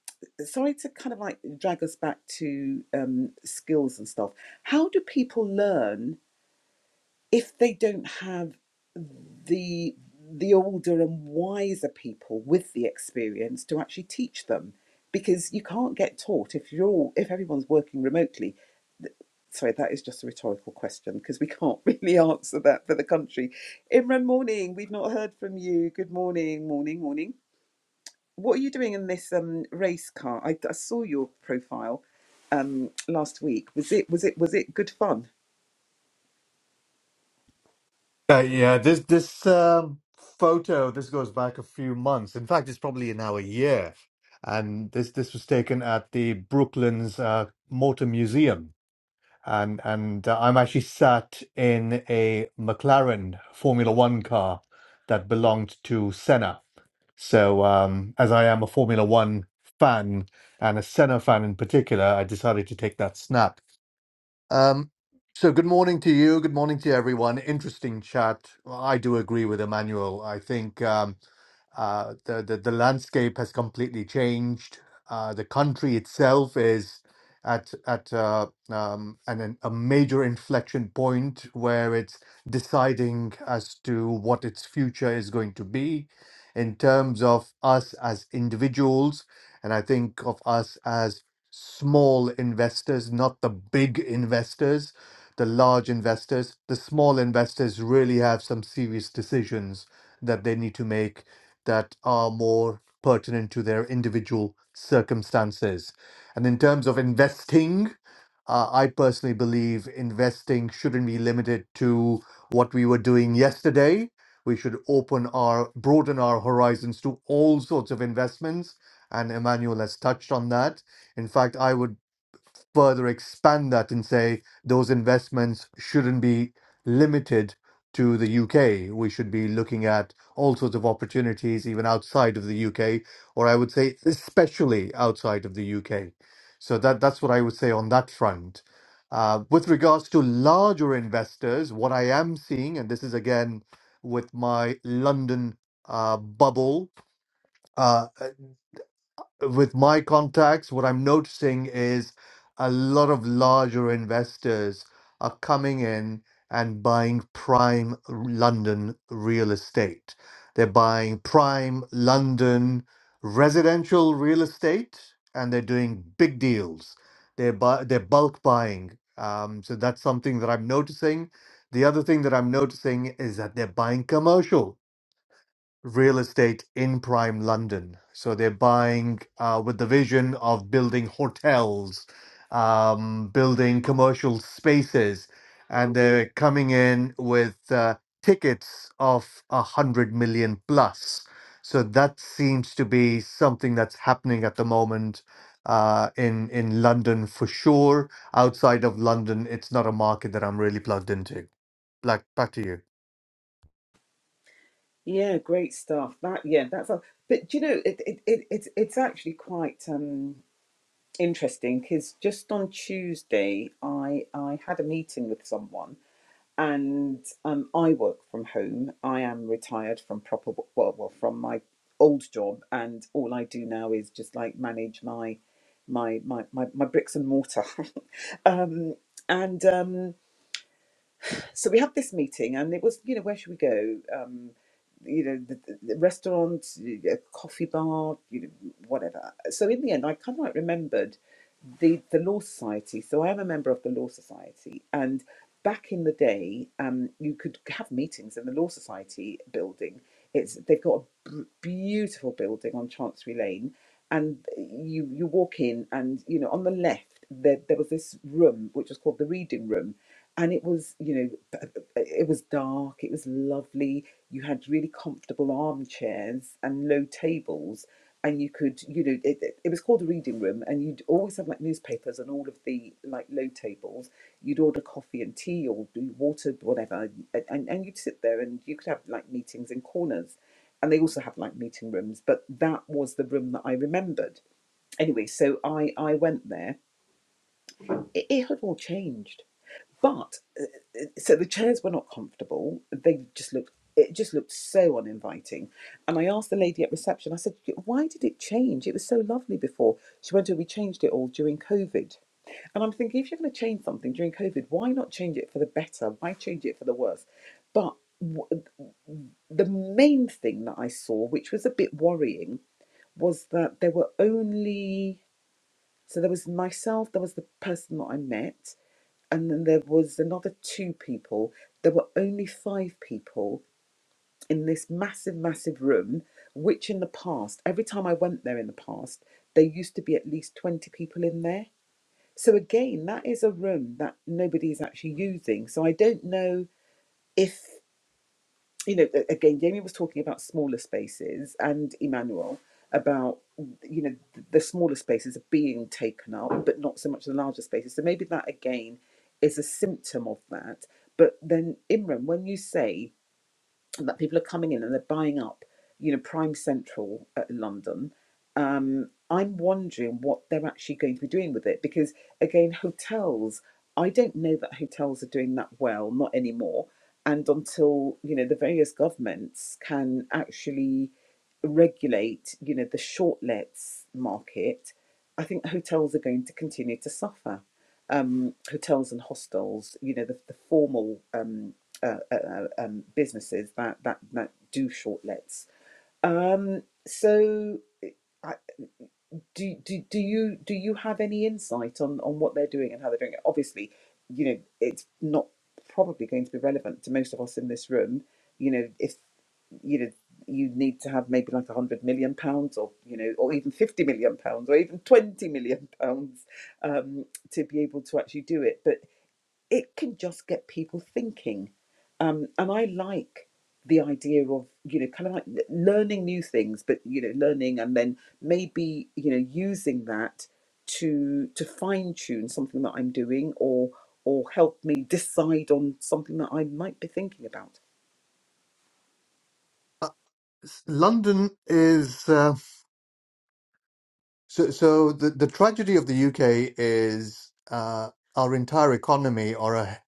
Speaker 1: sorry to kind of like drag us back to um, skills and stuff. How do people learn if they don't have the the older and wiser people with the experience to actually teach them? Because you can't get taught if you're all, if everyone's working remotely. Sorry, that is just a rhetorical question because we can't really answer that for the country. Imran, morning. We've not heard from you. Good morning, morning, morning what are you doing in this um, race car? I, I saw your profile um, last week. Was it was it was it good fun?
Speaker 4: Uh, yeah, this this um, photo this goes back a few months. In fact, it's probably now a year, and this this was taken at the Brooklands uh, Motor Museum, and and uh, I'm actually sat in a McLaren Formula One car that belonged to Senna. So um, as I am a Formula One fan and a Senna fan in particular, I decided to take that snap. Um, so good morning to you. Good morning to everyone. Interesting chat. Well, I do agree with Emmanuel. I think um, uh, the, the the landscape has completely changed. Uh, the country itself is at at uh, um, an, an- a major inflection point where it's deciding as to what its future is going to be in terms of us as individuals, and I think of us as small investors, not the big investors, the large investors. The small investors really have some serious decisions that they need to make that are more pertinent to their individual circumstances. And in terms of investing, uh, I personally believe investing shouldn't be limited to what we were doing yesterday. We should open our, broaden our horizons to all sorts of investments. And Emmanuel has touched on that in fact, I would further expand that and say those investments shouldn't be limited to the UK. We should be looking at all sorts of opportunities even outside of the UK, or I would say especially outside of the UK. So that that's what I would say on that front. Uh, with regards to larger investors, what I am seeing, and this is again with my London uh, bubble, uh, with my contacts, what I'm noticing is a lot of larger investors are coming in and buying prime r- London real estate. They're buying prime London residential real estate and they're doing big deals. They're, bu- they're bulk buying. Um, so that's something that I'm noticing. The other thing that I'm noticing is that they're buying commercial real estate in prime London. So they're buying uh, with the vision of building hotels, um, building commercial spaces, and they're coming in with uh, tickets of a hundred million plus. So that seems to be something that's happening at the moment uh, in in London for sure. Outside of London, it's not a market that I'm really plugged into. Like back to you.
Speaker 1: Yeah, great stuff. That yeah, that's. A, but do you know, it, it, it it's it's actually quite um, interesting because just on Tuesday, I I had a meeting with someone and um, I work from home. I am retired from proper well, well, from my old job, and all I do now is just like manage my my my my, my bricks and mortar. um, and um, so we had this meeting, and it was you know where should we go? Um, you know the, the the restaurant, a coffee bar, you know whatever. So in the end, I kind of like remembered the the Law Society. So I am a member of the Law Society, and back in the day, um, you could have meetings in the Law Society building. It's they've got a b- beautiful building on Chancery Lane, and you you walk in, and you know on the left there there was this room which was called the Reading Room, and it was you know b- it was dark, it was lovely. You had really comfortable armchairs and low tables and you could you know it, it was called a reading room and you'd always have like newspapers and all of the like low tables you'd order coffee and tea or do water whatever and, and and you'd sit there and you could have like meetings in corners and they also have like meeting rooms but that was the room that i remembered anyway so i i went there it, it had all changed but uh, uh, so the chairs were not comfortable. They just looked it just looked so uninviting. And I asked the lady at reception. I said, "Why did it change? It was so lovely before." She went, "Oh, we changed it all during COVID." And I'm thinking, if you're going to change something during COVID, why not change it for the better? Why change it for the worse? But w- the main thing that I saw, which was a bit worrying, was that there were only so there was myself, there was the person that I met, and then there was another two people. There were only five people in this massive, massive room, which in the past, every time I went there in the past, there used to be at least 20 people in there. So again, that is a room that nobody is actually using. So I don't know if you know, again, Jamie was talking about smaller spaces and Emmanuel about, you know, the smaller spaces are being taken up, but not so much the larger spaces. So maybe that again is a symptom of that. But then, Imran, when you say and that people are coming in and they're buying up, you know, Prime Central at London. Um, I'm wondering what they're actually going to be doing with it because, again, hotels. I don't know that hotels are doing that well, not anymore. And until you know the various governments can actually regulate, you know, the short lets market, I think hotels are going to continue to suffer. Um, hotels and hostels, you know, the, the formal um, uh, uh, uh, um, businesses that, that that do shortlets. Um, so, I- do, do do you do you have any insight on on what they're doing and how they're doing it? Obviously, you know it's not probably going to be relevant to most of us in this room. You know, if you know you need to have maybe like a hundred million pounds, or you know, or even fifty million pounds, or even twenty million pounds um, to be able to actually do it, but it can just get people thinking. Um, and I like the idea of, you know, kind of like learning new things, but, you know, learning and then maybe, you know, using that to to fine tune something that I'm doing or or help me decide on something that I might be thinking about.
Speaker 4: Uh, s- London is. uh, So, so the, the tragedy of the UK is uh, our entire economy, or a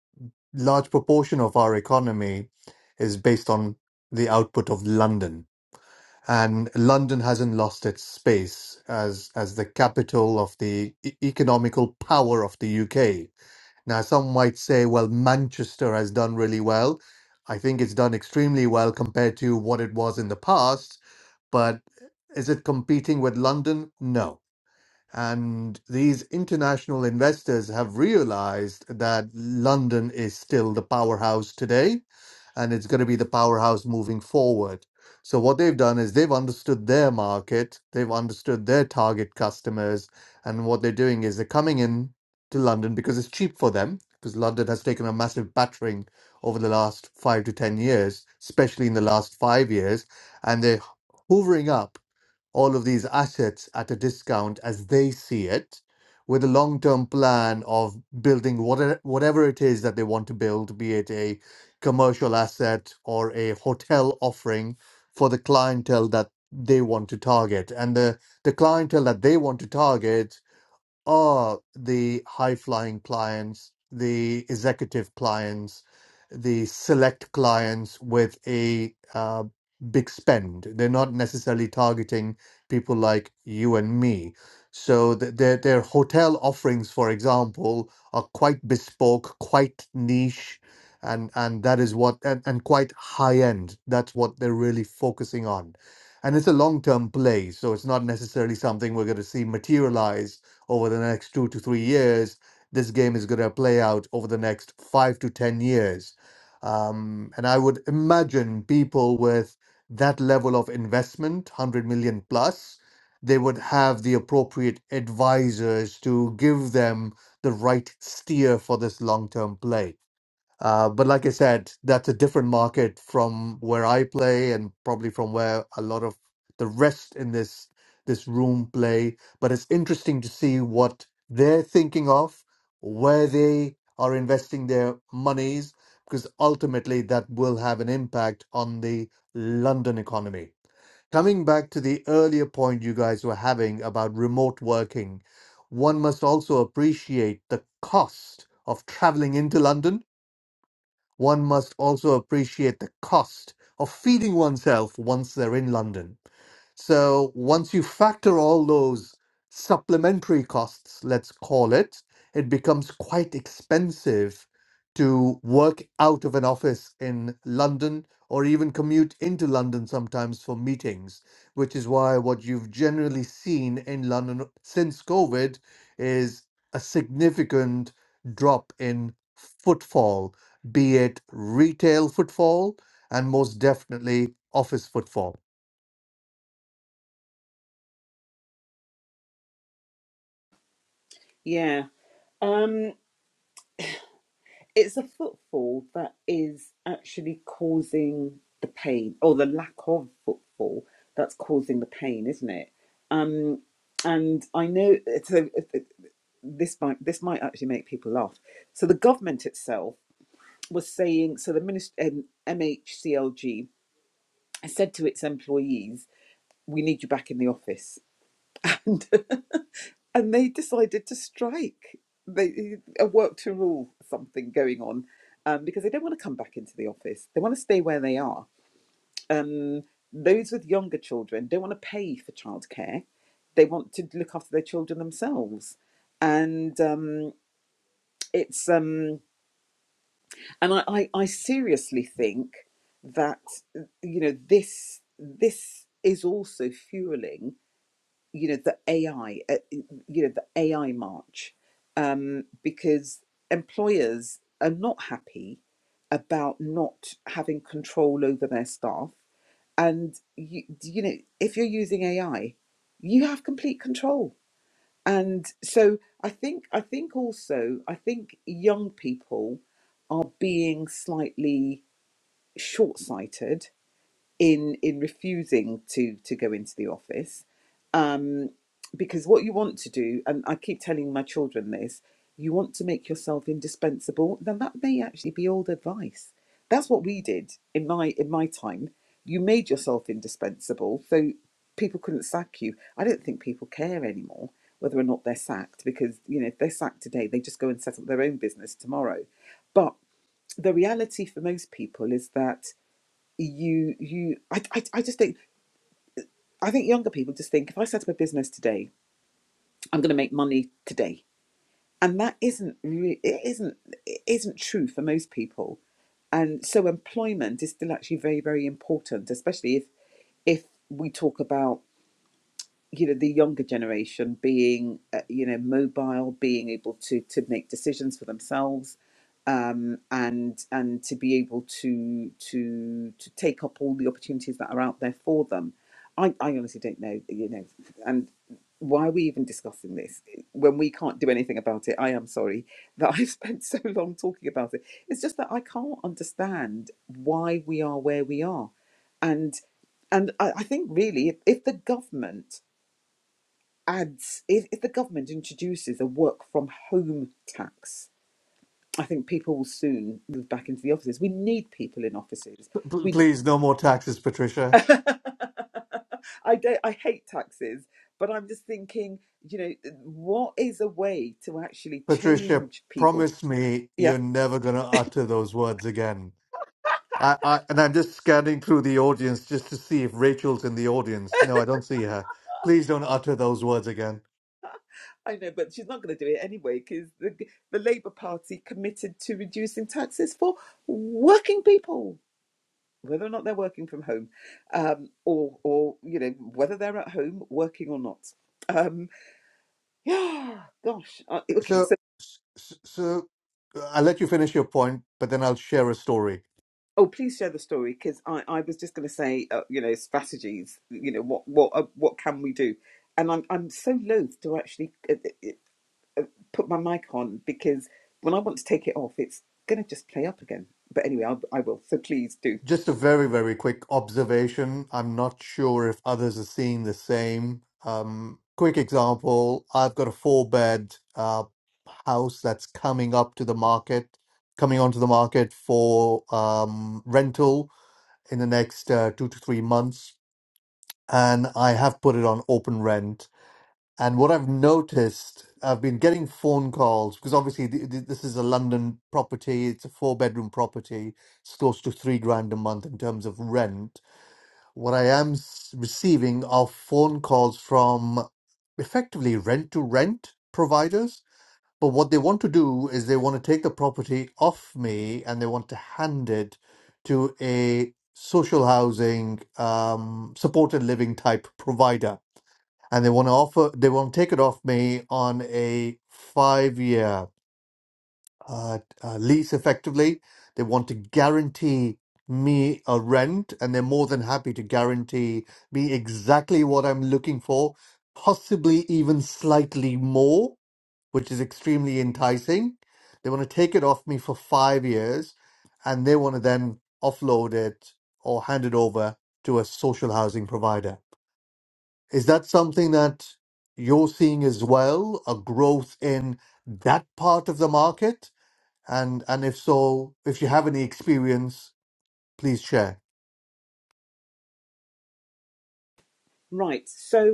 Speaker 4: large proportion of our economy, is based on the output of London, and London hasn't lost its space as as the capital of the e- economical power of the UK. Now, some might say, well, Manchester has done really well. I think it's done extremely well compared to what it was in the past, but is it competing with London? No and these international investors have realized that London is still the powerhouse today, and it's going to be the powerhouse moving forward. So, what they've done is they've understood their market, they've understood their target customers, and what they're doing is they're coming in to London because it's cheap for them, because London has taken a massive battering over the last five to 10 years, especially in the last five years, and they're hoovering up all of these assets at a discount as they see it, with a long term plan of building whatever, whatever it is that they want to build, be it a commercial asset or a hotel offering for the clientele that they want to target. And the, the clientele that they want to target are the high flying clients, the executive clients, the select clients with a uh, big spend. They're not necessarily targeting people like you and me. So th- their their hotel offerings, for example, are quite bespoke, quite niche, and and that is what and, and quite high end. That's what they're really focusing on. And it's a long term play, so it's not necessarily something we're going to see materialize over the next two to three years. This game is going to play out over the next five to 10 years. Um, and I would imagine people with that level of investment, 100 million plus, they would have the appropriate advisors to give them the right steer for this long term play. Uh, but like I said, that's a different market from where I play and probably from where a lot of the rest in this this room play. But it's interesting to see what they're thinking of, where they are investing their monies, because ultimately that will have an impact on the London economy. Coming back to the earlier point you guys were having about remote working, one must also appreciate the cost of traveling into London one must also appreciate the cost of feeding oneself once they're in London. So once you factor all those supplementary costs, let's call it, it becomes quite expensive to work out of an office in London or even commute into London sometimes for meetings, which is why what you've generally seen in London since COVID is a significant drop in footfall, be it retail footfall and most definitely office footfall.
Speaker 1: Yeah. Um, it's a footfall that is actually causing the pain or the lack of footfall that's causing the pain isn't it um and i know so this might this might actually make people laugh so the government itself was saying so the minister um, mhclg said to its employees we need you back in the office And and they decided to strike. They a work to rule something going on um, because they don't want to come back into the office. They want to stay where they are. Um, those with younger children don't want to pay for childcare. They want to look after their children themselves, and um, it's um, and I, I, I seriously think that you know this this is also fueling you know the AI, uh, you know the AI march, um, because employers are not happy about not having control over their staff, and you, you know if you're using AI, you have complete control. And so I think I think also I think young people are being slightly short-sighted in in refusing to to go into the office um because what you want to do and i keep telling my children this you want to make yourself indispensable then that may actually be old advice that's what we did in my in my time you made yourself indispensable so people couldn't sack you i don't think people care anymore whether or not they're sacked because you know if they're sacked today they just go and set up their own business tomorrow but the reality for most people is that you you I, I I just think I think younger people just think if I set up a business today, I'm going to make money today, and that isn't re- it isn't it isn't true for most people, and so employment is still actually very very important, especially if if we talk about you know the younger generation being uh, you know mobile being able to to make decisions for themselves um and and to be able to to to take up all the opportunities that are out there for them i i honestly don't know you know and why are we even discussing this when we can't do anything about it i am sorry that i've spent so long talking about it it's just that i can't understand why we are where we are and and i, I think really if, if the government adds, if, if the government introduces a work from home tax, I think people will soon move back into the offices. We need people in offices.
Speaker 4: P-
Speaker 1: We,
Speaker 4: please, no more taxes, Patricia.
Speaker 1: I don't, I hate taxes, but I'm just thinking, you know, what is a way to actually
Speaker 4: Patricia,
Speaker 1: change people?
Speaker 4: promise me
Speaker 1: Yeah,
Speaker 4: you're never going to utter those words again. I, I, and I'm just scanning through the audience just to see if Rachel's in the audience. No, I don't see her. Please don't utter those words again.
Speaker 1: I know, but she's not going to do it anyway because the the Labour Party committed to reducing taxes for working people whether or not they're working from home, um, or or you know whether they're at home working or not. Um, yeah, gosh. Uh, okay,
Speaker 4: So,
Speaker 1: so
Speaker 4: so, so uh, I'll let you finish your point, but then I'll share a story.
Speaker 1: oh, please share the story because I, I was just going to say uh, you know strategies. You know what what uh, what can we do? And I'm I'm so loath to actually uh, uh, uh, put my mic on because when I want to take it off, it's going to just play up again. But anyway, I'll, I will. So please do.
Speaker 4: Just a very, very quick observation. I'm not sure if others are seeing the same. Um, quick example, I've got a four bed uh, house that's coming up to the market, coming onto the market for um, rental in the next uh, two to three months. And I have put it on open rent. And what I've noticed, I've been getting phone calls because obviously th- th- this is a London property. It's a four bedroom property. It's close to three grand a month in terms of rent. What I am s- receiving are phone calls from effectively rent to rent providers but what they want to do is they want to take the property off me and they want to hand it to a social housing, um, supported living type provider. And they want to offer, they want to take it off me on a five year uh, uh, lease effectively. They want to guarantee me a rent and they're more than happy to guarantee me exactly what I'm looking for, possibly even slightly more which is extremely enticing. They want to take it off me for five years and they want to then offload it or hand it over to a social housing provider. Is that something that you're seeing as well, a growth in that part of the market? And and if so, if you have any experience, please share.
Speaker 1: Right. So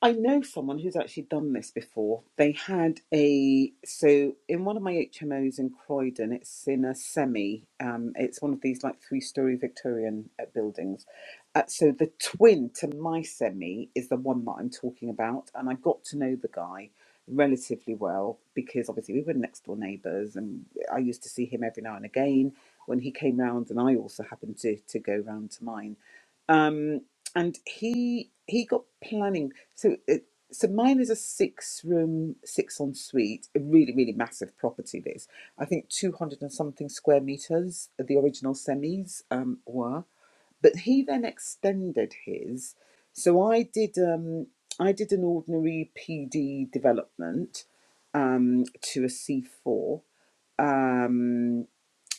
Speaker 1: I know someone who's actually done this before. They had a so in one of my HMOs in Croydon, it's in a semi. Um, it's one of these like three-story Victorian uh, buildings. Uh, so the twin to my semi is the one that I'm talking about, and I got to know the guy relatively well because obviously we were next door neighbours, and I used to see him every now and again when he came round, and I also happened to to go round to mine. Um, and he he got planning. So, it, so mine is a six-room, six-ensuite, a really, really massive property. This, I think, two hundred and something square meters. uh, The original semis um, were, but he then extended his. So I did, um, I did an ordinary PD development um, to a C four, um,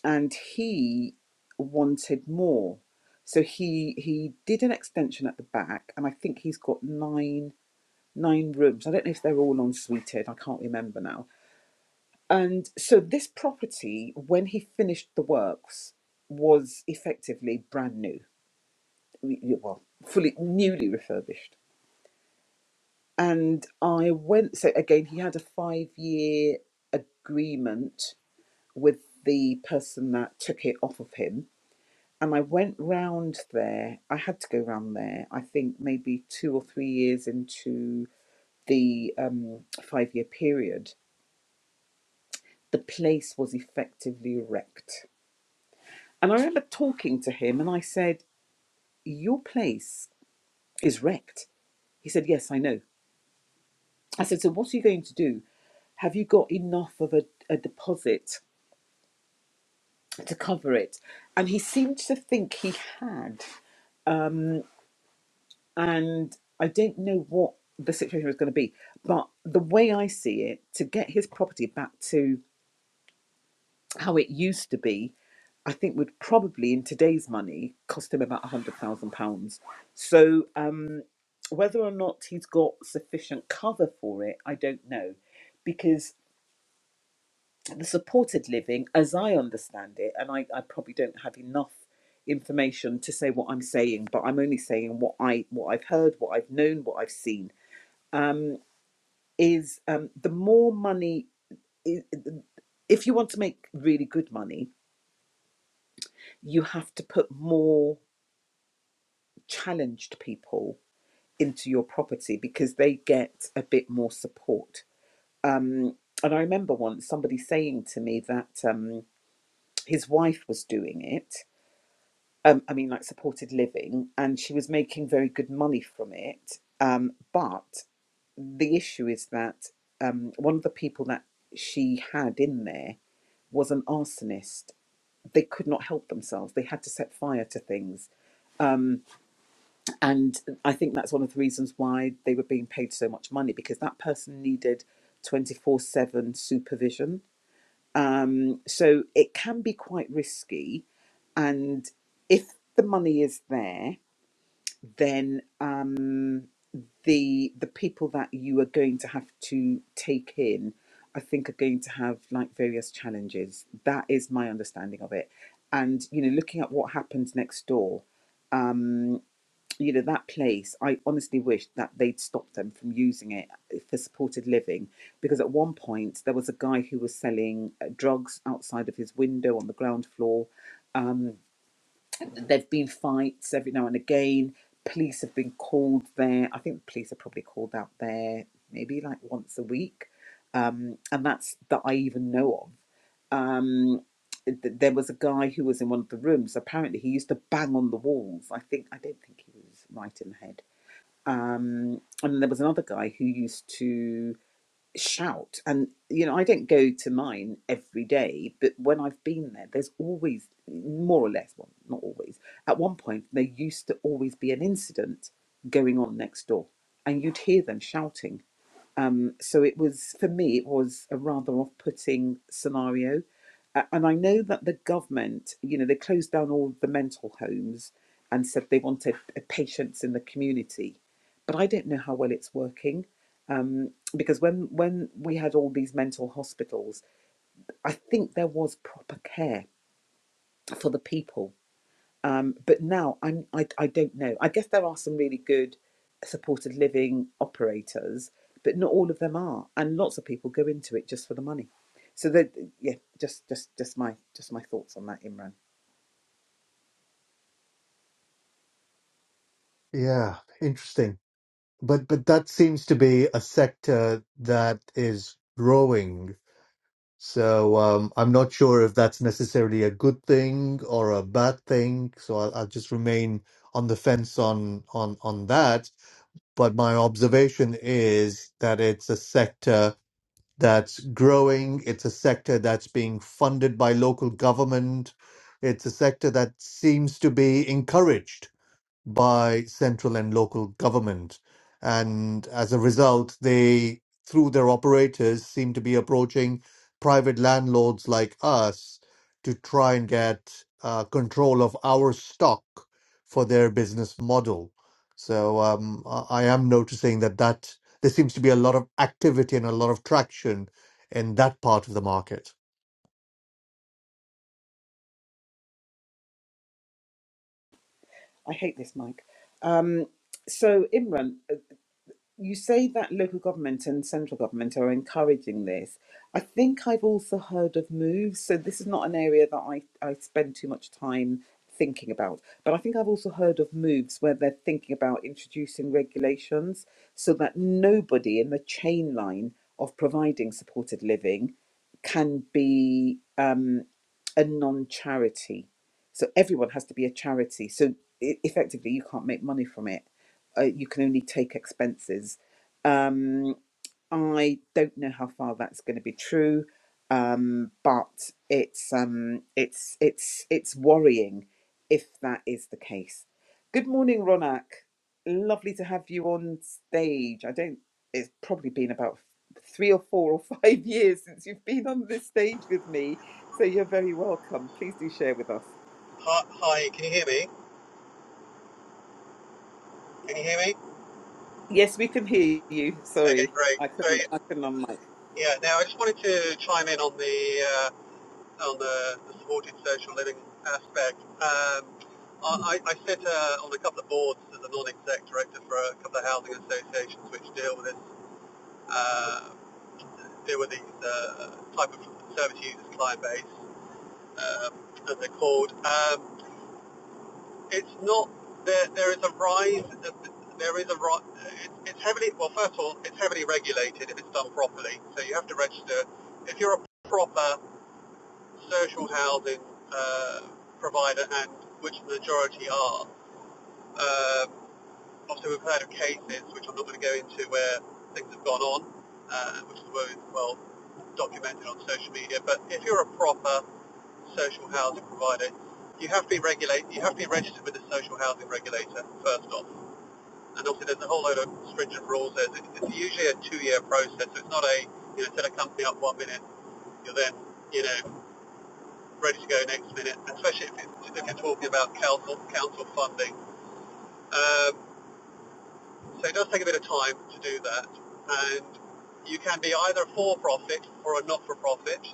Speaker 1: and he wanted more. So he he did an extension at the back, and I think he's got nine nine rooms. I don't know if they're all en suited. I can't remember now. And so this property, when he finished the works, was effectively brand new. We- Well, fully newly refurbished. And I went. So again, he had a five-year agreement with the person that took it off of him. And I went round there. I had to go round there. I think maybe two or three years into the um, five-year period the place was effectively wrecked. And I remember talking to him and I said, Your place is wrecked. He said, Yes, I know. I said, So what are you going to do? Have you got enough of a, a deposit to cover it? And he seemed to think he had. Um, and I don't know what the situation was going to be. But the way I see it, to get his property back to how it used to be, I think would probably in today's money cost him about a hundred thousand pounds. So um, whether or not he's got sufficient cover for it, I don't know, because the supported living, as I understand it, and I, I probably don't have enough information to say what I'm saying, but I'm only saying what I what I've heard, what I've known, what I've seen. Um, is um, the more money, i- if you want to make really good money, you have to put more. challenged people into your property because they get a bit more support. Um, and I remember once somebody saying to me that um, his wife was doing it. Um, I mean, like supported living, and she was making very good money from it. Um, but the issue is that um, one of the people that she had in there was an arsonist. They could not help themselves. They had to set fire to things Um, And I think that's one of the reasons why they were being paid so much money because that person needed 24 7 supervision. Um, so it can be quite risky. And if the money is there, then um, the the people that you are going to have to take in, I think, are going to have like various challenges. That is my understanding of it. And you know, looking at what happened next door, um, you know that place i honestly wish that they'd stopped them from using it eh, for supported living because at one point there was a guy who was selling uh, drugs outside of his window on the ground floor Um, There've been fights every now and again. Police have been called there. I think the police are probably called out there maybe like once a week, um, and that's that I even know of. Um, th- there was a guy who was in one of the rooms. Apparently, he used to bang on the walls. I think I don't think he was right in the head. Um, and then there was another guy who used to shout. And you know, I don't go to mine every day, but when I've been there, there's always more or less well, not always. At one point, there used to always be an incident going on next door, and you'd hear them shouting. Um, so it was, for me, it was a rather off putting scenario. Uh, and I know that the government, you know, they closed down all the mental homes and said they wanted uh, patients in the community. But I don't know how well it's working. Um, because when, when we had all these mental hospitals, I think there was proper care for the people um, but now I'm, I, I don't know. I guess there are some really good supported living operators, but not all of them are, and lots of people go into it just for the money. So that yeah, just just just my just my thoughts on that, Imran.
Speaker 4: Yeah, interesting. But but that seems to be a sector that is growing So um, I'm not sure if that's necessarily a good thing or a bad thing. So I'll, I'll just remain on the fence on on on that. But my observation is that it's a sector that's growing. It's a sector that's being funded by local government. It's a sector that seems to be encouraged by central and local government. And as a result, they, through their operators, seem to be approaching private landlords like us to try and get uh, control of our stock for their business model. So um, I I am noticing that that there seems to be a lot of activity and a lot of traction in that part of the market.
Speaker 1: I hate this mic. Um, so Imran, you say that local government and central government are encouraging this. I think I've also heard of moves, so this is not an area that I, I spend too much time thinking about, but I think I've also heard of moves where they're thinking about introducing regulations so that nobody in the chain line of providing supported living can be um, a non charity. So everyone has to be a charity. So e- effectively, you can't make money from it uh, you can only take expenses. Um, I don't know how far that's going to be true, um, but it's um, it's it's it's worrying if that is the case. Good morning, Ronak. Lovely to have you on stage. I don't. It's probably been about three or four or five years since you've been on this stage with me, so you're very welcome. Please do share with us.
Speaker 5: Hi, can you hear me? Can you hear me?
Speaker 1: Yes, we can hear you.
Speaker 5: Okay,
Speaker 1: Sorry,
Speaker 5: great.
Speaker 1: I
Speaker 5: So
Speaker 1: couldn't. I couldn't on mic.
Speaker 5: yeah, now I just wanted to chime in on the uh, on the, the supported social living aspect. Um, I, I I sit uh, on a couple of boards as a non-exec director for a couple of housing associations which deal with this, uh, deal with these uh, type of service users client base, um, as they're called. Um, it's not there. There is a rise. There is a ri- it's It's heavily. Well, first of all, it's heavily regulated if it's done properly. So you have to register. If you're a proper social housing uh, provider, and which the majority are, um, obviously we've heard of cases which I'm not going to go into where things have gone on, uh, which is well well documented on social media. But if you're a proper social housing provider, you have to be regulate, you have to be registered with the social housing regulator first off. And obviously there's a whole load of stringent rules. There's, it's usually a two-year process, so it's not a, you know, set a company up one minute, you're then, you know, ready to go next minute, especially if, it's, if you're talking about council, council funding. Um, so it does take a bit of time to do that. And you can be either a for-profit or a not-for-profit.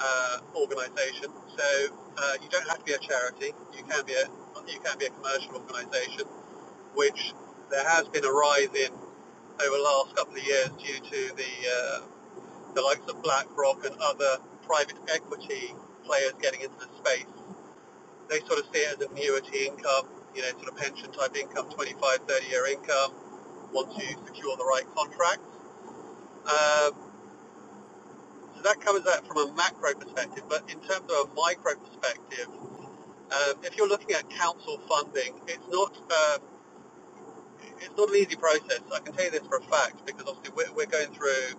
Speaker 5: uh, organisation. So uh, you don't have to be a charity. You can be a you can be a commercial organisation, which there has been a rise in over the last couple of years due to the uh, the likes of BlackRock and other private equity players getting into the space. They sort of see it as annuity income, you know, sort of pension type income, twenty-five, thirty year income, once you secure the right contracts. Um, so that covers that from a macro perspective, but in terms of a micro perspective, Um, if you're looking at council funding, it's not um, it's not an easy process. I can tell you this for a fact because obviously we're, we're going through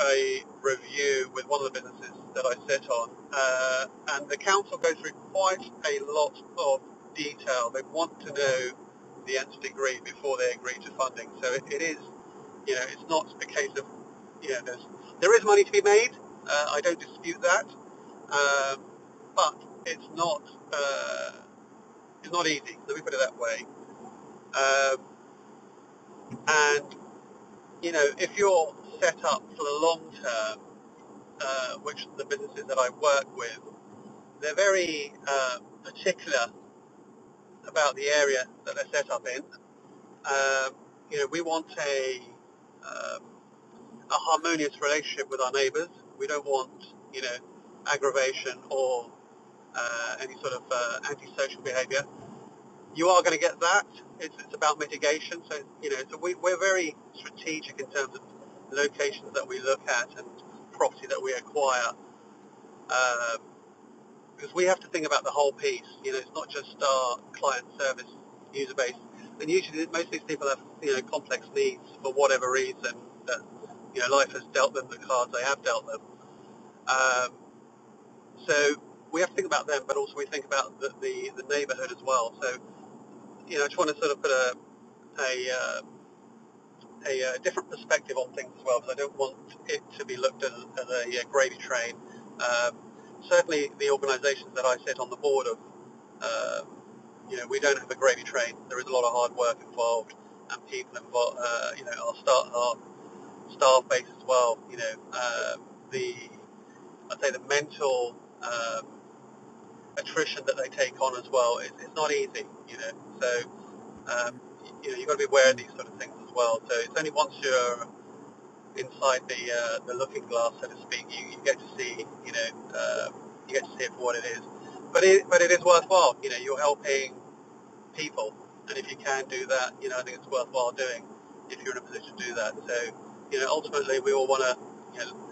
Speaker 5: a review with one of the businesses that I sit on, uh, and the council goes through quite a lot of detail. They want to know the nth degree before they agree to funding. So it, it is, you know, it's not a case of, you know, there's there is money to be made. Uh, I don't dispute that, um, but it's not. Uh, it's not easy. Let me put it that way. Um, and you know, if you're set up for the long term, uh, which the businesses that I work with, they're very uh, particular about the area that they're set up in. Um, you know, we want a um, a harmonious relationship with our neighbours. We don't want you know aggravation or uh, any sort of uh, antisocial behaviour. you are going to get that. It's, it's about mitigation. So, you know, so we, we're very strategic in terms of locations that we look at and property that we acquire um, because we have to think about the whole piece. You know, it's not just our client service user base. And usually most of these people have, you know, complex needs for whatever reason that, you know, life has dealt them the cards they have dealt them. Um, so we have to think about them, but also we think about the, the, the neighbourhood as well. So, you know, I just want to sort of put a, a uh, a uh, different perspective on things as well, because I don't want it to be looked at as, as a uh, gravy train. Um, certainly, the organisations that I sit on the board of, um, you know, we don't have a gravy train. There is a lot of hard work involved, and people involved, uh, you know, our staff, our staff base as well. You know, um, the I'd say the mental um, attrition that they take on as well is, is not easy. You know, so um, you know, you've got to be aware of these sort of things as well. So it's only once you're inside the uh, the looking glass, so to speak. You, you get to see, you know, uh, you get to see it for what it is. But it but it is worthwhile. You know, you're helping people, and if you can do that, you know, I think it's worthwhile doing if you're in a position to do that. So, you know, ultimately we all want to you know,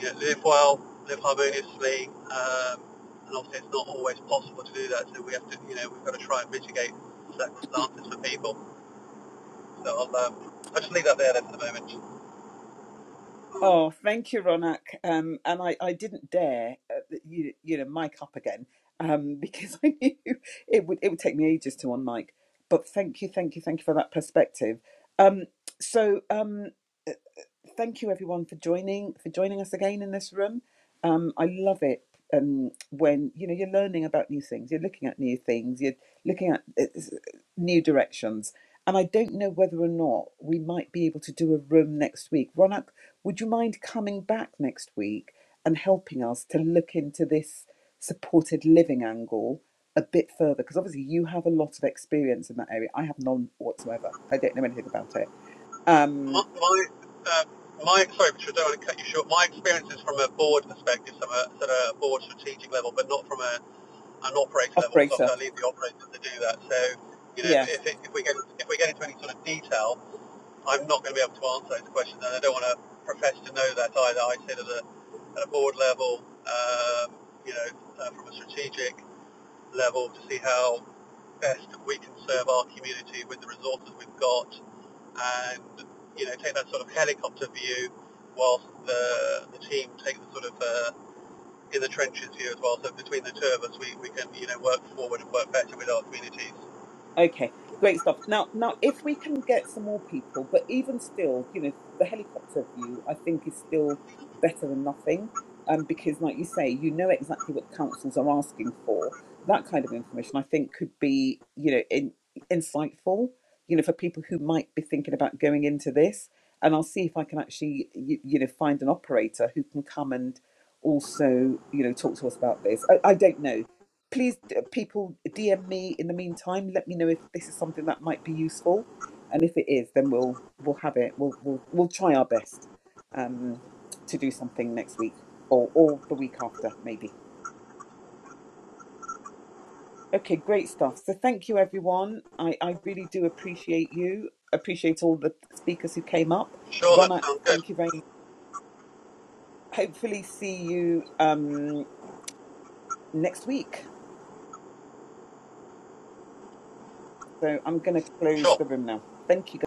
Speaker 5: you know, live well, live harmoniously, um, and obviously it's not always possible to do that. So we have to, you know, we've got to try and mitigate circumstances for people. So I'll um, I'll just leave that there then for the moment.
Speaker 1: Oh, thank you, Ronak. Um, and I, I didn't dare, uh, you, you know, mic up again um, because I knew it would it would take me ages to unmic. But thank you, thank you, thank you for that perspective. Um, so, um, thank you everyone for joining for joining us again in this room um, i love it um, when you know you're learning about new things you're looking at new things you're looking at uh, new directions and i don't know whether or not we might be able to do a room next week ronak would you mind coming back next week and helping us to look into this supported living angle a bit further because obviously you have a lot of experience in that area i have none whatsoever i don't know anything about it
Speaker 5: My,
Speaker 1: um
Speaker 5: my, uh, my sorry, I don't want to cut you short. My experience is from a board perspective, so a sort of a board strategic level, but not from a, an operator level, because
Speaker 1: operator
Speaker 5: obviously I leave the operators to do that. So, you know,
Speaker 1: yeah.
Speaker 5: if, if, if we get if we get into any sort of detail, I'm not going to be able to answer those questions, and I don't want to profess to know that either. I sit at a, at a board level, um, you know, uh, from a strategic level to see how best we can serve our community with the resources we've got and you know take that sort of helicopter view whilst the, the team take the sort of uh, in the trenches view as well. So between the two of us, we, we can you know work forward and work better with our communities.
Speaker 1: Okay, great stuff. Now, now, if we can get some more people, but even still, you know, the helicopter view I think is still better than nothing, um, because like you say, you know exactly what the councils are asking for. That kind of information I think could be, you know, in, insightful, you know, for people who might be thinking about going into this. And I'll see if I can actually, you, you know, find an operator who can come and also, you know, talk to us about this. I, I don't know please d- people dm me in the meantime let me know if this is something that might be useful and if it is then we'll we'll have it we'll we'll, we'll try our best um to do something next week or or the week after maybe okay great stuff so thank you everyone i i really do appreciate you appreciate all the speakers who came up
Speaker 5: Sure, that
Speaker 1: ronak
Speaker 5: sounds good.
Speaker 1: thank you very much hopefully see you um next week so i'm going to close
Speaker 5: Sure.
Speaker 1: the room now thank you